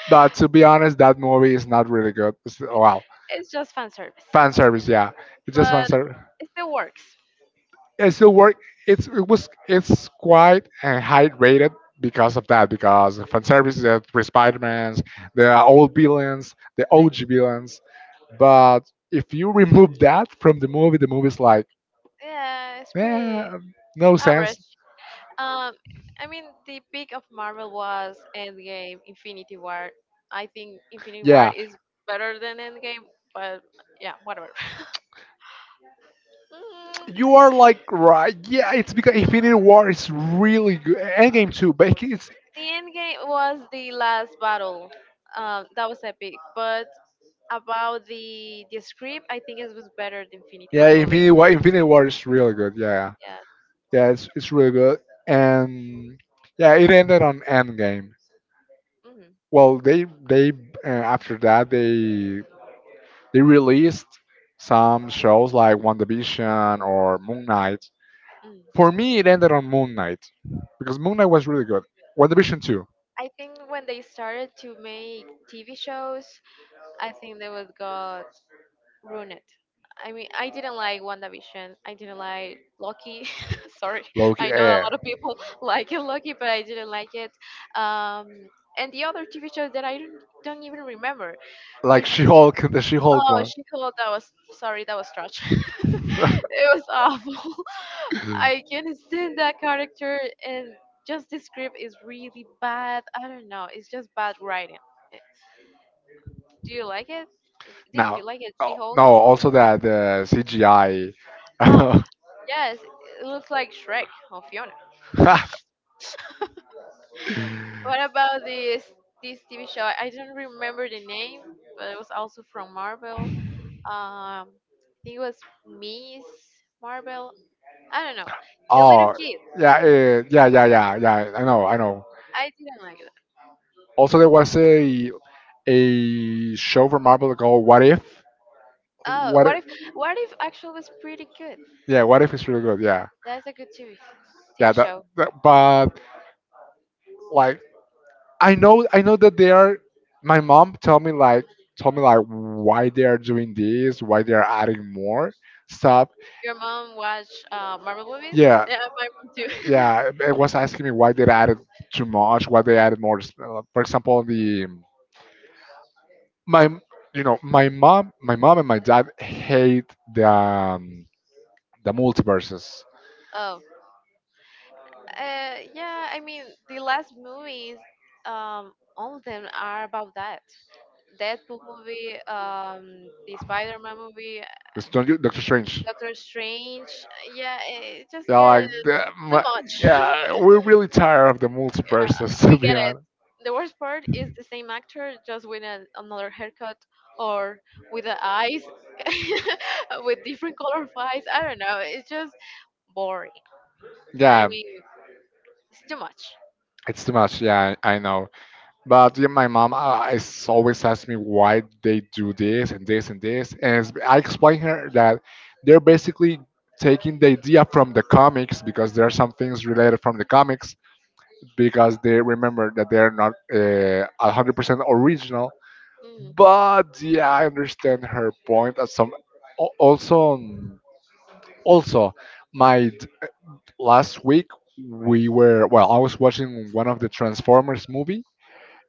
A: But to be honest, that movie is not really good. It's, wow,
B: It's just fan service,
A: fan service, yeah, it's just fan
B: but
A: service.
B: it still works.
A: It still work. It's it was it's quite uh, high rated because of that because of fan service, the three Spider-Mans, the old villains, the
B: Like,
A: O G villains. But if you remove that from the movie, the movie's like,
B: yeah, it's pretty
A: eh, no
B: average.
A: sense.
B: Um, I mean, the peak of Marvel was Endgame, Infinity War. I think Infinity War
A: Yeah,
B: is better than Endgame, but yeah, whatever. Mm,
A: You are like right. Yeah, it's because Infinity War is really good. Endgame too, but it's
B: the Endgame was the last battle. Um, that was epic. But about the the script, I think it was better than Infinity
A: yeah,
B: War movie.
A: Infinity War. Infinity War is really good. Yeah, yeah,
B: Yeah.
A: Yeah, it's it's really good. And yeah, it ended on Endgame. Well, they they uh, after that they they released some shows like WandaVision or Moon Knight.
B: hmm
A: For me, it ended on Moon Knight because Moon Knight was really good. WandaVision too.
B: I think when they started to make T V shows, I think they would got ruined. I mean, I didn't like WandaVision. I didn't like Loki. Sorry,
A: Loki,
B: I know a
A: eh,
B: lot of people like Loki, but I didn't like it. Um, and the other T V shows that I don't, don't even remember.
A: like
B: I,
A: She Hulk, the She Hulk
B: Oh,
A: one.
B: she called. That was sorry. That was trash. It was awful. I can't stand that character, and just the script is really bad. I don't know. It's just bad writing. Eh, Do you like it? Did
A: now,
B: you like it,
A: oh,
B: She-Hulk?
A: no, also that the C G I.
B: Oh, yes. It looks like Shrek or Fiona. What about this this T V show? I don't remember the name, but it was also from Marvel. Um, I think it was Miss Marvel. I don't know. The little
A: oh,
B: kid.
A: yeah, eh, yeah, yeah, yeah, yeah. I know, I know.
B: I didn't like it.
A: Also, there was a a show from Marvel called What If.
B: Oh,
A: What?
B: what
A: If,
B: if what if actually was pretty good?
A: yeah, What If is really good. Yeah,
B: That's a good T V
A: yeah.
B: T V
A: That,
B: show.
A: that but like I know I know that they are my mom told me like told me like why they are doing this, why they are adding more stuff.
B: Your mom watch uh, Marvel movies?
A: Yeah.
B: Yeah, my too.
A: Yeah, it was asking me why they added too much, why they added more. uh, For example, the my you know my mom, my mom and my dad hate the um, the multiverses.
B: Oh, uh, yeah. I mean, the last movies, um, all of them are about that. Deadpool movie, um, the Spider-Man movie,
A: It's Doctor Doctor Strange.
B: Doctor Strange. Yeah, it just
A: Yeah,
B: gets
A: like the,
B: too
A: my,
B: much.
A: yeah, we're really tired of the
B: Yeah,
A: multiverses to
B: we
A: be
B: get it.
A: honest.
B: The worst part is the same actor, just with an, another haircut or with the eyes, with different color of eyes. I don't know. It's just boring. I
A: Yeah,
B: mean, it's too much.
A: it's too much. Yeah, I, I know. But yeah, my mom uh, is always asks me why they do this and this and this, and it's, I explain her that they're basically taking the idea from the comics because there are some things related from the comics because they remember that they're not uh, one hundred percent original.
B: Mm,
A: But yeah, I understand her point. As some al- also um, also my d- last week we were well, I was watching one of the Transformers movie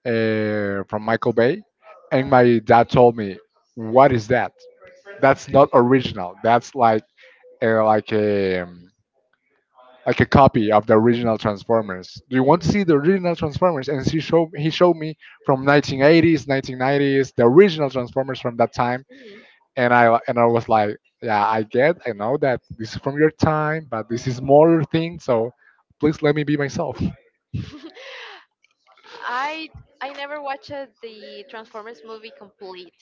A: uh, from Michael Bay, and
B: uh,
A: my dad told me, "What is that? That's not original. That's like uh, like a um, like a copy of the original Transformers. Do you want
B: mm,
A: to see the original Transformers?" And she showed he showed me from nineteen eighties, nineteen nineties, the original Transformers from that time
B: mm.
A: and I and I was like, yeah, I get, I know that this is from your time, but this is more your thing, so please let me be myself.
B: I I never watched the Transformers movie complete.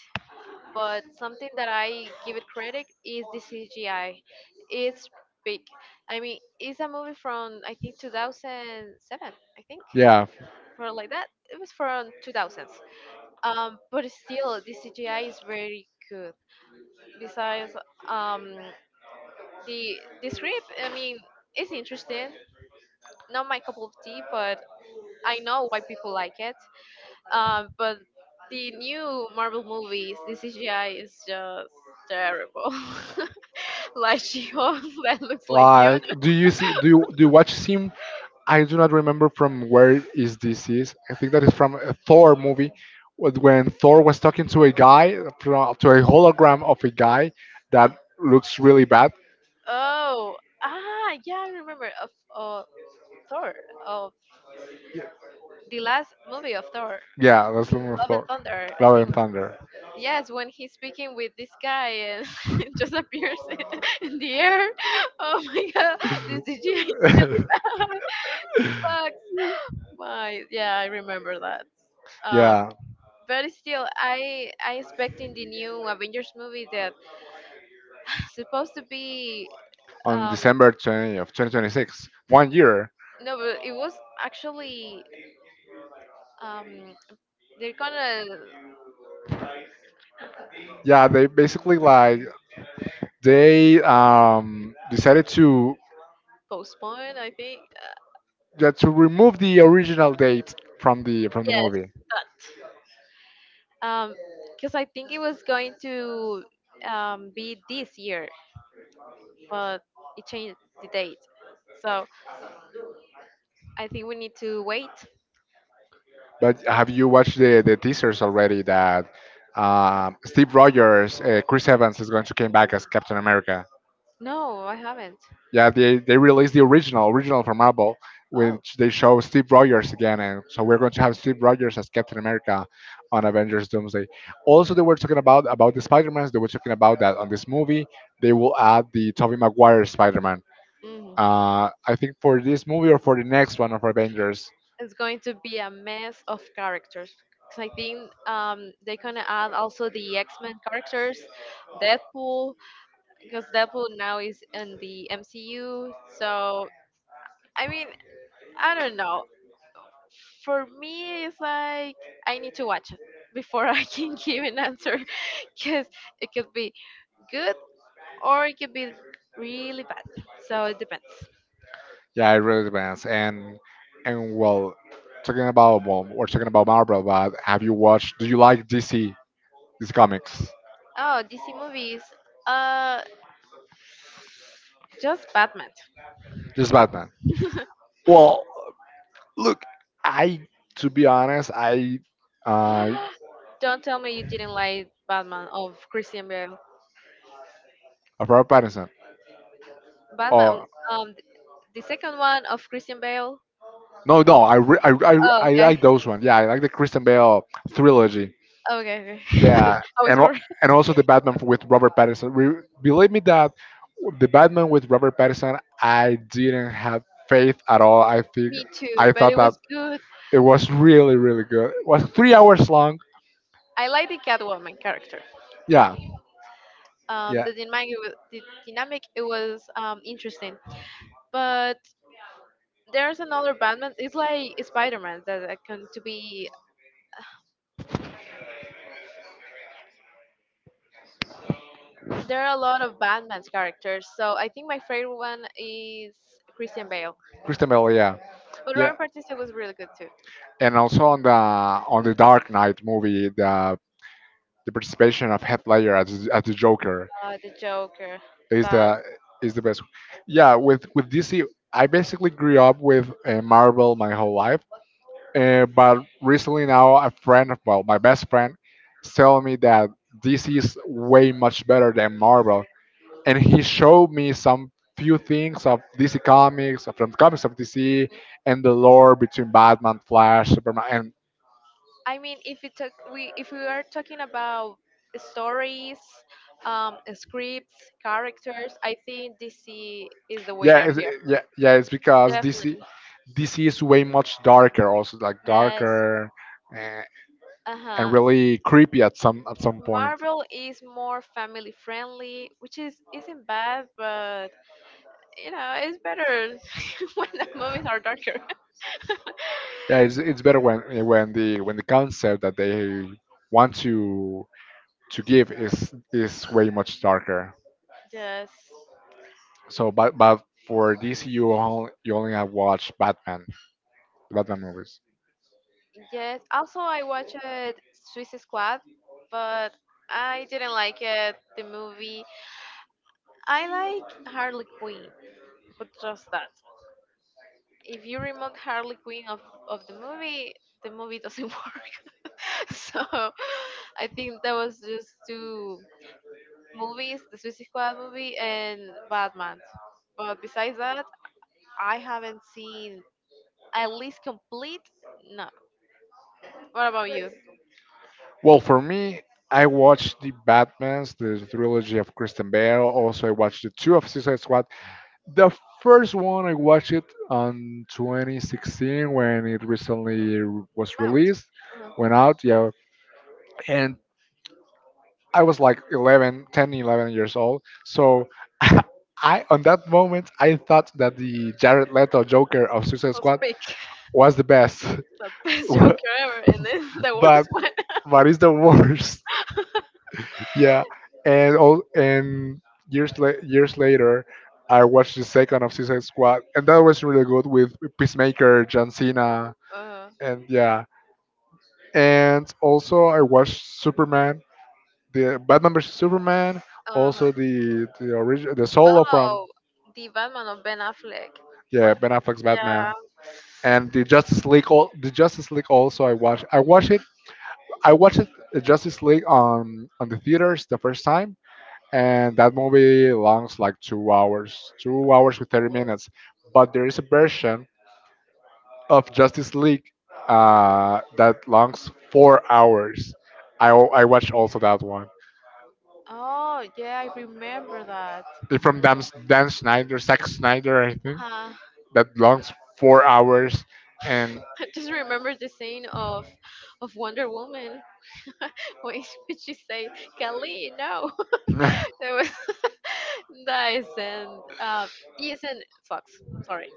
B: But something that I give it credit is the C G I. It's big. I mean, it's a movie from I think two thousand seven. I think
A: Yeah,
B: for like that. It was from two thousands. Um, but still, the C G I is very good. Besides, um, the the script. I mean, it's interesting. Not my cup of tea, but I know why people like it. Um, but the new Marvel movies, the C G I is just terrible. Like She-Hulk that looks like Fiona.
A: like do you see do you do you watch Sim I do not remember from where is this is. I think that is from a Thor movie, wh- when Thor was talking to a guy fro- to a hologram of a guy
B: Uh,
A: that looks really bad.
B: oh, ah, yeah, I remember. Of uh, Thor, of the last movie of Thor,
A: Yeah, that's the movie of
B: Love and
A: Thor,
B: Thunder. I
A: Love and
B: think
A: Thunder.
B: yes, when he's speaking with this guy and it just appears in, in the air. Oh my god, this C G I is really bad. Sucks. My Yeah, I remember that. Um,
A: yeah,
B: but still, I I expecting the new Avengers movie that supposed to be
A: on
B: um
A: December twentieth of twenty twenty-six, one year.
B: No, but it was actually um they're gonna
A: Yeah, they basically like they um, decided to
B: postpone. I think
A: yeah, to remove the original date from the from the
B: yes,
A: movie.
B: that. um because I think it was going to um be this year, but it changed the date. So I think we need to wait.
A: But have you watched the, the teasers already that um, Steve Rogers, uh, Chris Evans is going to come back as Captain America?
B: No, I haven't.
A: Yeah, they, they released the original original from Marvel,
B: Oh,
A: which they show Steve Rogers again, and so we're going to have Steve Rogers as Captain America on Avengers Doomsday. Also, they were talking about about the Spider-Mans. They were talking about that on this movie they will add the Tobey Maguire Spider-Man.
B: hmm
A: Uh, I think for this movie or for the next one of Avengers,
B: it's going to be a mess of characters. 'Cause I think um, they're gonna add also the X Men characters, Deadpool, because Deadpool now is in the M C U. So I mean, I don't know. For me, it's like I need to watch it before I can give an answer, because it could be good or it could be really bad. So it depends.
A: yeah, it really depends. And and well, talking about, well, we're talking about Marvel, but have you watched? Do you like D C, these comics,
B: Oh, D C movies. Uh, just Batman.
A: just Batman? Well, look, I, to be honest, I, uh,
B: Don't tell me you didn't like Batman of Christian Bale.
A: of Robert Pattinson.
B: Batman,
A: Oh
B: um, the second one of Christian Bale.
A: no, no, I re- I, I
B: Oh,
A: I
B: okay,
A: like those one. Yeah, I like the Christian Bale trilogy.
B: okay, okay.
A: Yeah,
B: I was
A: and al-
B: worried.
A: and also the Batman with Robert Pattinson. Re- believe me that the Batman with Robert Pattinson, I didn't have faith at all. I think
B: Me too,
A: I
B: but
A: thought
B: it
A: that
B: was good.
A: it was really really good. It was three hours long.
B: I like the Catwoman character.
A: Yeah,
B: Um,
A: yeah.
B: the dynamic, it wa- the dynamic, it was um interesting. But there's another Batman. It's like Spider-Man that I can to be. There are a lot of Batman's characters, so I think my favorite one is Christian Bale.
A: Christian Bale. Yeah,
B: But
A: yeah.
B: Robert Pattinson was really good too.
A: And also on the on the Dark Knight movie, the the participation of Heath Ledger as as the Joker
B: Uh, the Joker,
A: is
B: the
A: the is the best. Yeah, with with D C, I basically grew up with uh, Marvel my whole life. Uh, but recently now, a friend, of- well, my best friend, tell me that D C is way much better than Marvel, and he showed me some few things of D C comics, from comics of D C, and the lore between Batman, Flash, Superman, and
B: I mean, if we talk, we if we are talking about stories, um, scripts, characters, I think D C is the
A: yeah
B: winner
A: it's,
B: here.
A: yeah yeah it's because this i-
B: Definitely,
A: this is way much darker, also like
B: yes.
A: darker, and,
B: Uh
A: and
B: huh.
A: really creepy at some, at some point.
B: Marvel is more family friendly, which is isn't bad, but you know it's better when the movies are darker.
A: Yeah it's, it's better when when the when the concept that they want to to give is is way much darker.
B: Yes.
A: So but but for DC, you only, you only have watched Batman, the Batman movies.
B: Yes. Also, I watched Swiss Squad, but I didn't like it. The movie. I like Harley Quinn. But just that. If you remove Harley Quinn of, of the movie, the movie doesn't work. So I think that was just two movies, the Suicide Squad movie and Batman. But besides that, I haven't seen at least complete. No. What about you?
A: Well, for me, I watched the Batmans, the trilogy of Kristen Bell. Also, I watched the two of Suicide Squad. The first one I watched it on twenty sixteen when it recently r- was
B: Mount.
A: released,
B: Uh,
A: went out.
B: us
A: Yeah, and I was like eleven, ten, eleven years old. So I, on that moment, I thought that the Jared Leto Joker of Suicide Squad
B: pick
A: was the best,
B: the best Joker ever, and then the worst
A: but
B: one.
A: but it's the worst. Yeah, and all and years la- years later, I watched the second of Suicide Squad, and that was really good with Peacemaker, John Cena,
B: Uh,
A: and yeah, and also I watched Superman, the Batman vs Superman,
B: uh-huh.
A: also the the original the solo from.
B: Oh, the Batman of Ben Affleck. Wha-
A: Yeah, Ben Affleck's
B: Yeah.
A: Batman, and the Justice League, all the Justice League. Also I watched, I watched it, I watched it, uh, Justice League on on the theaters the first time, and that movie longs like two hours, two hours with thirty minutes. But there is a version of Justice League uh, that longs four hours. I, al- I watched also that one.
B: Oh, yeah, I remember that.
A: It's from Dan, Dan Schneider, Zack Snyder, I think,
B: Huh.
A: that longs four hours. And
B: I just remember the scene of of Wonder Woman when she said, "Kali, no." That was nice and uh, yes, and sucks. Sorry.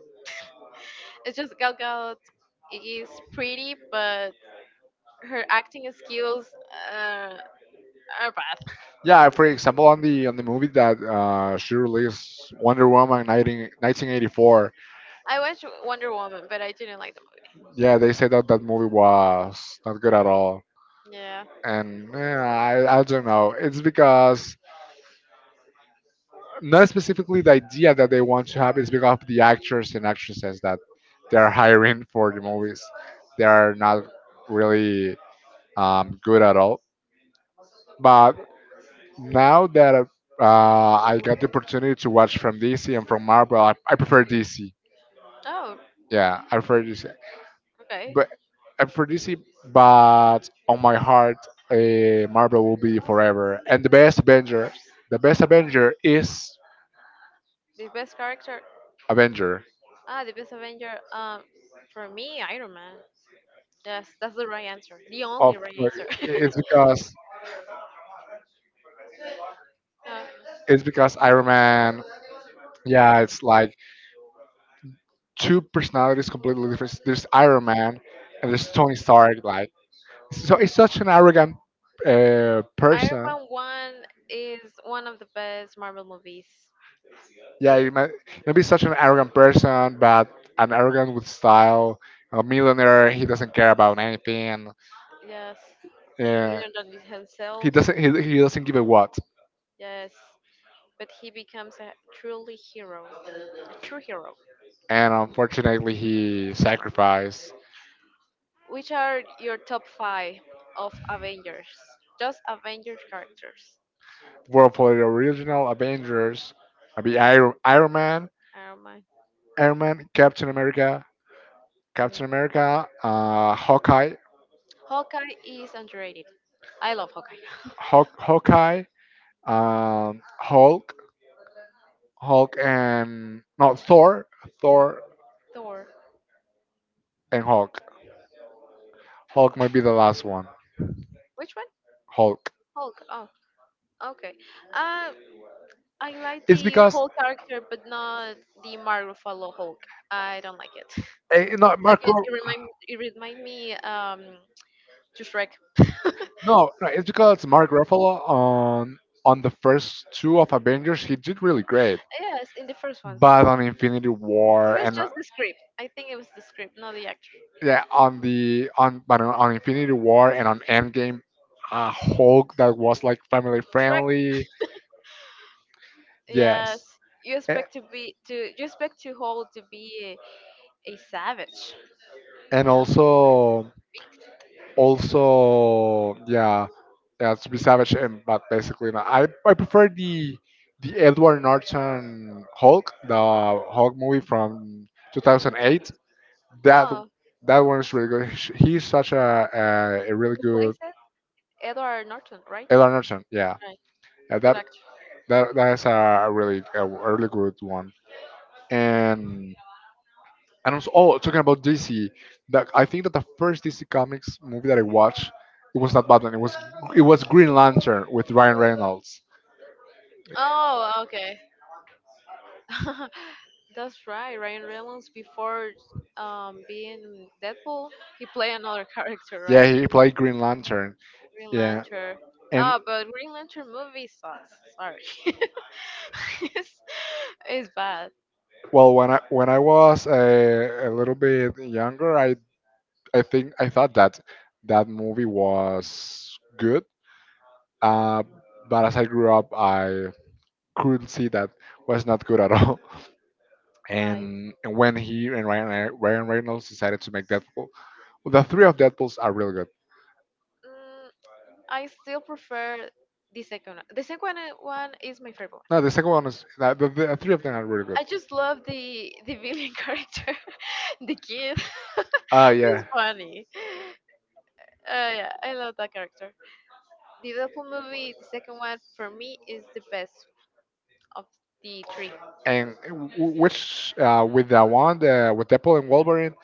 B: It's just Gal Gadot is pretty, but her acting skills uh, are bad.
A: yeah, for example, on the on the movie that uh, she released, Wonder Woman nineteen, nineteen eighty-four,
B: I watched Wonder Woman, but I didn't like the movie.
A: yeah, they said that that movie was not good at all,
B: Yeah.
A: and eh, I I don't know. It's because not specifically the idea that they want to have, is because of the actors and actresses that they are hiring for the movies. They are not really um, good at all. But now that uh, I got the opportunity to watch from D C and from Marvel, I, I prefer D C.
B: Oh,
A: Yeah, I prefer D C.
B: okay.
A: But Aphrodisiac, but on my heart, uh, Marvel will be forever. And the best Avenger, the best Avenger is
B: The best character.
A: Avenger.
B: Ah, the best Avenger. Um, for me, Iron Man. Yes, that's the right answer. The
A: Of
B: only right
A: course,
B: answer.
A: it's because,
B: Uh,
A: it's because Iron Man. Yeah, it's like two personalities completely different. There's Iron Man and there's Tony Stark. Like, so it's such an arrogant uh,
B: Iron
A: person.
B: Man One is one of the best Marvel movies.
A: Yeah, you
B: It
A: might, maybe such an arrogant person, but an arrogant with style, a millionaire. He doesn't care about anything.
B: Yes,
A: Uh,
B: even than He
A: he
B: himself.
A: doesn't. He, he doesn't give a what.
B: Yes, but he becomes a truly hero, a true hero.
A: And unfortunately, he sacrificed
B: Which are your top five of Avengers? Just Avengers characters.
A: world for the original Avengers. Maybe Iron, Iron Man,
B: Iron Man,
A: Iron Man, Captain America,
B: mm.
A: Captain America, uh, Hawkeye,
B: Hawkeye is underrated. I love Hawkeye.
A: Hawk, Hawkeye, um, Hulk, Hulk, and no Thor, Thor
B: Thor.
A: and Hulk. Hulk might be the last one.
B: Which one?
A: Hulk.
B: Hulk. Oh, okay. Um, I like
A: It's
B: the
A: because
B: Hulk character, but not the Marvel Follow Hulk. I don't like it.
A: eh, eh, no Mark.
B: Again,
A: Ruff-
B: it remind it remind me um to Shrek.
A: No, no, it's because Mark Ruffalo on on the first two of Avengers he did really great,
B: Yes, in the first ones.
A: but on Infinity
B: It
A: War
B: was
A: and uh,
B: just the script. I think it was the script, not the actor.
A: yeah on the on but on on Infinity War and on Endgame, uh, Hulk that was like family
B: Shrek.
A: friendly.
B: Yes.
A: Yes.
B: You
A: Eh,
B: expect to be to you expect to hold to be a, a savage.
A: and
B: Yeah.
A: also, also yeah yeah to be savage, and but basically no, I, I prefer the the Edward Norton Hulk, the Hulk movie from
B: Mm.
A: two thousand eight. That
B: Oh,
A: that one is really good. Sh- he's such a a, a really
B: who plays
A: good.
B: it? Edward Norton, right?
A: Edward Norton, yeah,
B: Right.
A: yeah
B: Good
A: that
B: actor.
A: that that is a really, a really good one. and And also, oh, talking about D C, that I think that the first D C Comics movie that I watched, it was not Batman. It was, it was Green Lantern with Ryan Reynolds.
B: Oh, okay. That's right. Ryan Reynolds before um being Deadpool, he played another character,
A: Yeah,
B: right?
A: he played Green Lantern.
B: Green
A: Yeah,
B: Lantern.
A: and
B: Ah, but Green Lantern movie sucks. Sorry, it's, it's bad.
A: well, when I when I was a, a little bit younger, I I think I thought that that movie was good. Uh, but as I grew up, I couldn't see that was not good at all.
B: Right.
A: and and when he and Ryan uh, Ryan Reynolds decided to make Deadpool, well, the three of Deadpool's are really good.
B: Mm, I still prefer the second one. The second one is my favorite
A: No,
B: one.
A: the second one is no, the, the three of them are really good.
B: I just love the the villain character, the kid.
A: Uh
B: He's
A: yeah.
B: funny. Uh, yeah, I love that character. The Deadpool movie, the second one, for me is the best of the three.
A: And w- w- which uh, with the one uh, with Deadpool and Wolverine,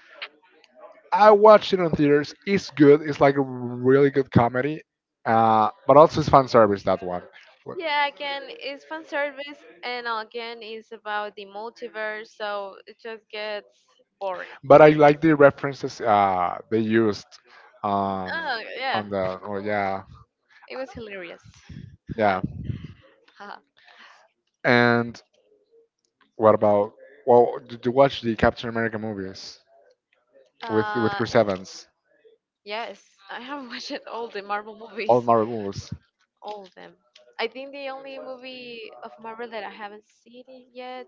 A: I watched it on theaters. It's good. It's like a really good comedy, uh, but also it's fan service, that one. Wh-
B: Yeah, again, it's fan service, and again, it's about the multiverse, so it just gets boring.
A: But I like the references uh, they used um,
B: Oh, yeah,
A: on the. Oh yeah.
B: it was hilarious.
A: Yeah. And what about, well, did you watch the Captain America movies with with
B: uh,
A: Chris Evans?
B: yes, I have watched all the Marvel movies,
A: All Marvel movies,
B: all of them. I think the only movie of Marvel that I haven't seen it yet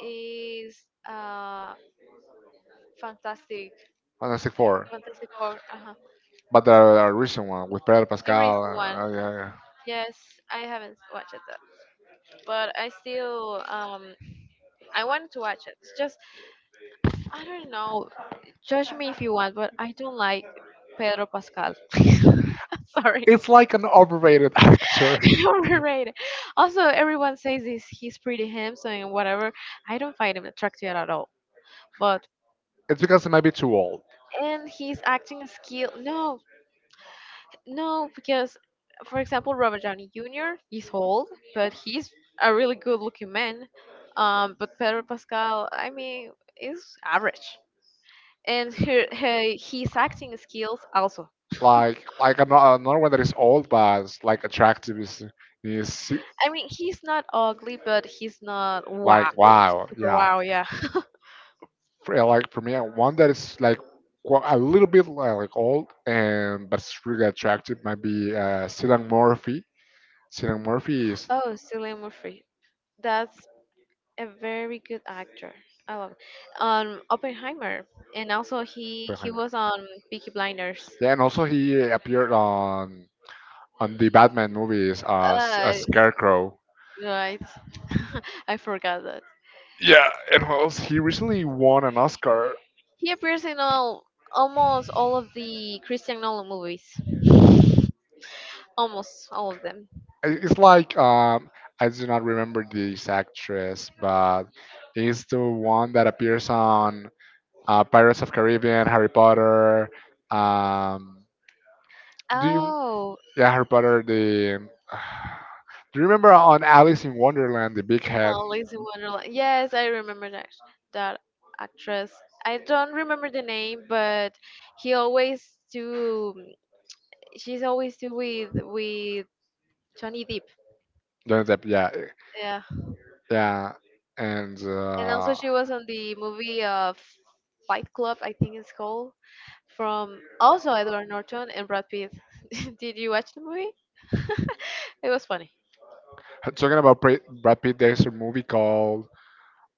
B: is uh, Fantastic,
A: Fantastic Four,
B: Fantastic Four. Uh-huh.
A: but the, the recent one with Pedro
B: The recent
A: Pascal.
B: one.
A: Uh, yeah, yeah, yeah.
B: Yes, I haven't watched it, but I still um I want to watch it. It's just I don't know. Judge me if you want, but I don't like Pedro Pascal. Sorry,
A: It's like an overrated actor.
B: overrated. Also, everyone says he's he's pretty handsome and whatever. I don't find him attractive at all. But
A: It's because it might be too old.
B: And his acting skill. No, No, because for example, Robert Downey Junior is old, but he's a really good-looking man. Um, but Pedro Pascal, I mean, is average, and her, her his acting skills also.
A: Like like ano- another one that is old but it's like attractive is is
B: I mean, he's not ugly, but he's not
A: like
B: wow,
A: wow
B: super
A: yeah.
B: wow, yeah.
A: Fr- like for me, uh, one that is like qu- a little bit li- like old and but it's really attractive might be uh, Cillian Murphy. Cillian Murphy is
B: Oh, Cillian Murphy, that's a very good actor. I love it. Um, Oppenheimer, and also he he
A: Oppenheimer.
B: was on Peaky Blinders.
A: Yeah, and also he appeared on on the Batman movies as a
B: Uh,
A: Scarecrow.
B: right. I forgot that.
A: Yeah, and also he recently won an Oscar.
B: He appears in all almost all of the Christian Nolan movies. Almost all of them.
A: I- It's like um, I do not remember this actress, but it's the one that appears on uh, Pirates of Caribbean, Harry Potter. Um, do you?
B: Oh,
A: Yeah, Harry Potter. The do you remember on Alice in Wonderland, the big
B: uh,
A: head?
B: Alice in Wonderland. Yes, I remember that that actress. I don't remember the name, but he always do. She's always do with with Johnny Depp.
A: Johnny Depp, yeah,
B: Yeah,
A: yeah. And
B: and also
A: uh,
B: she was on the movie uh, Fight Club, I think it's called, from also Edward Norton and Brad Pitt. Did you watch the movie? It was funny.
A: talking about Pra- Brad Pitt, there's a movie called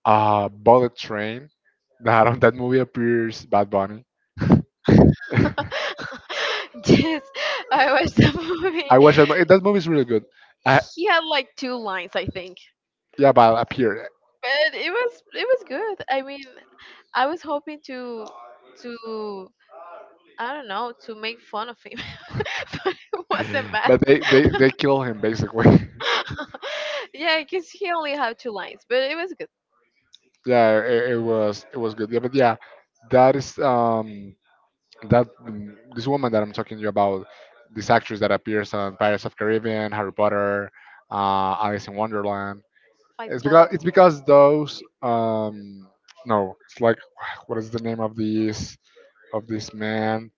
A: uh, Bullet Train. That on that movie appears Bad Bunny.
B: Yes, I watched the movie.
A: I watched that. mo- That movie is really good. I,
B: He had like two lines, I think,
A: yeah, but appeared.
B: but it was it was good. I mean, I was hoping to to I don't know to make fun of him, but it wasn't bad.
A: But they they they kill him basically.
B: Yeah, because he only had two lines, but it was good.
A: Yeah, it, it was, it was good. Yeah, but yeah, that is um that mm, this woman that I'm talking to you about, this actress that appears on Pirates of Caribbean, Harry Potter, uh, Alice in Wonderland.
B: Fight
A: It's because,
B: Club.
A: it's because those um no, it's like what is the name of this of this man?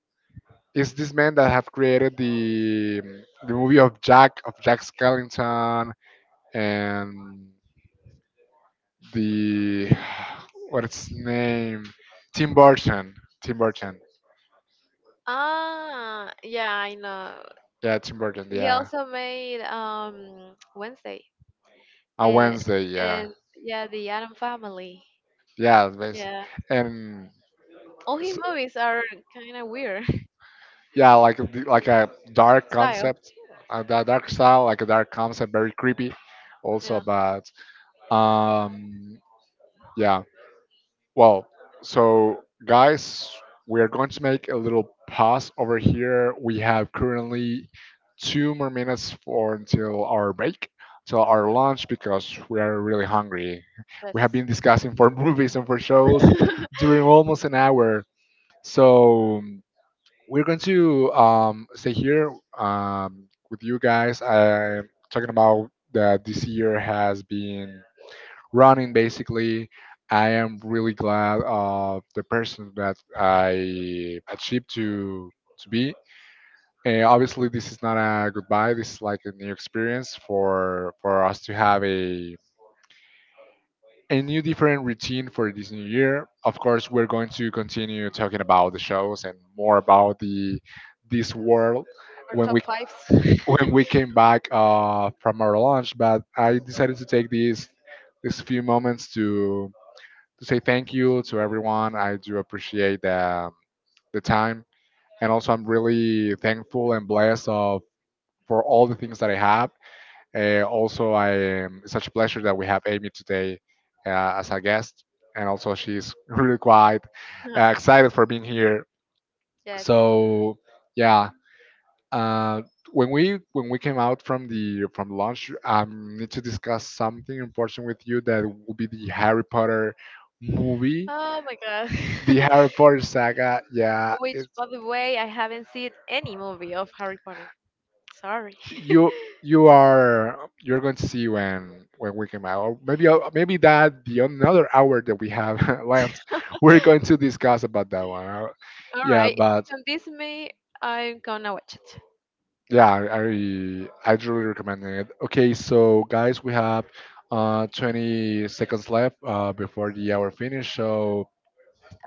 A: It's this man that have created the the movie of Jack of Jack Skellington and the what's his name? Tim Burton. Tim Burton.
B: Ah, yeah, I know.
A: Yeah, Tim Burton.
B: He
A: Yeah,
B: also made um Wednesday
A: on
B: and
A: Wednesday. Yeah,
B: and yeah, the Adam Family.
A: yeah, basi-
B: Yeah,
A: and
B: all his
A: s-
B: movies are kind of weird
A: yeah, like the- like a dark
B: style.
A: concept, a da- dark style, like a dark concept, very creepy. Also
B: Yeah,
A: about um yeah. Well, so guys, we are going to make a little pause over here. We have currently two more minutes for until our break, till our lunch, because we are really hungry. We have been
B: that's
A: discussing for movies and for shows during almost an hour. So we're going to um, stay here um, with you guys. I talking about that this year has been running basically. I am really glad of the person that I achieved to to be, and obviously this is not a goodbye, this is like a new experience for for us to have a a new different routine for this new year. Of course we're going to continue talking about the shows and more about the this world
B: our
A: when we
B: top fives.
A: when we came back uh, from our launch, but I decided to take these these few moments to to say thank you to everyone. I do appreciate the, um, the time. And also, I'm really thankful and blessed of for all the things that I have. Uh, also, I am it's such a pleasure that we have Amy today uh, as a guest, and also she's really quite uh,
B: Yeah.
A: excited for being here.
B: Yes.
A: So yeah, uh, when we when we came out from the from lunch, I need to discuss something important with you that will be the Harry Potter movie,
B: Oh my god.
A: the Harry Potter saga, yeah,
B: Which,
A: it's,
B: by the way, I haven't seen any movie of Harry Potter. Sorry.
A: you you are, you're going to see when when we come out. Or maybe I'll- maybe that the another hour that we have left, we're going to discuss about that one. Uh,
B: All
A: Yeah,
B: right. If
A: but
B: you convince me. I'm gonna watch it.
A: yeah, I I truly recommend it. Okay, so guys, we have uh twenty seconds left uh before the hour finish. So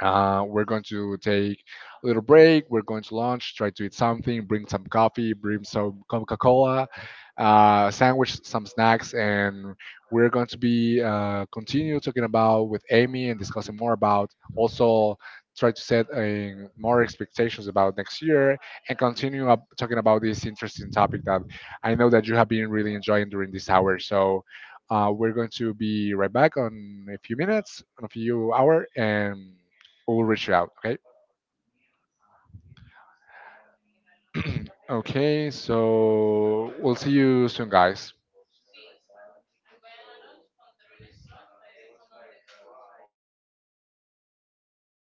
A: Uh, we're going to take a little break. We're going to lunch, try to eat something, bring some coffee, bring some Coca Cola, uh, sandwich, some snacks, and we're going to be uh, continue talking about with Amy and discussing more about also try to set uh, more expectations about next year and continue up talking about this interesting topic that I know that you have been really enjoying during this hour. So uh, we're going to be right back on a few minutes, on a few hour, and we'll reach out. Okay. Okay. So we'll see you soon, guys.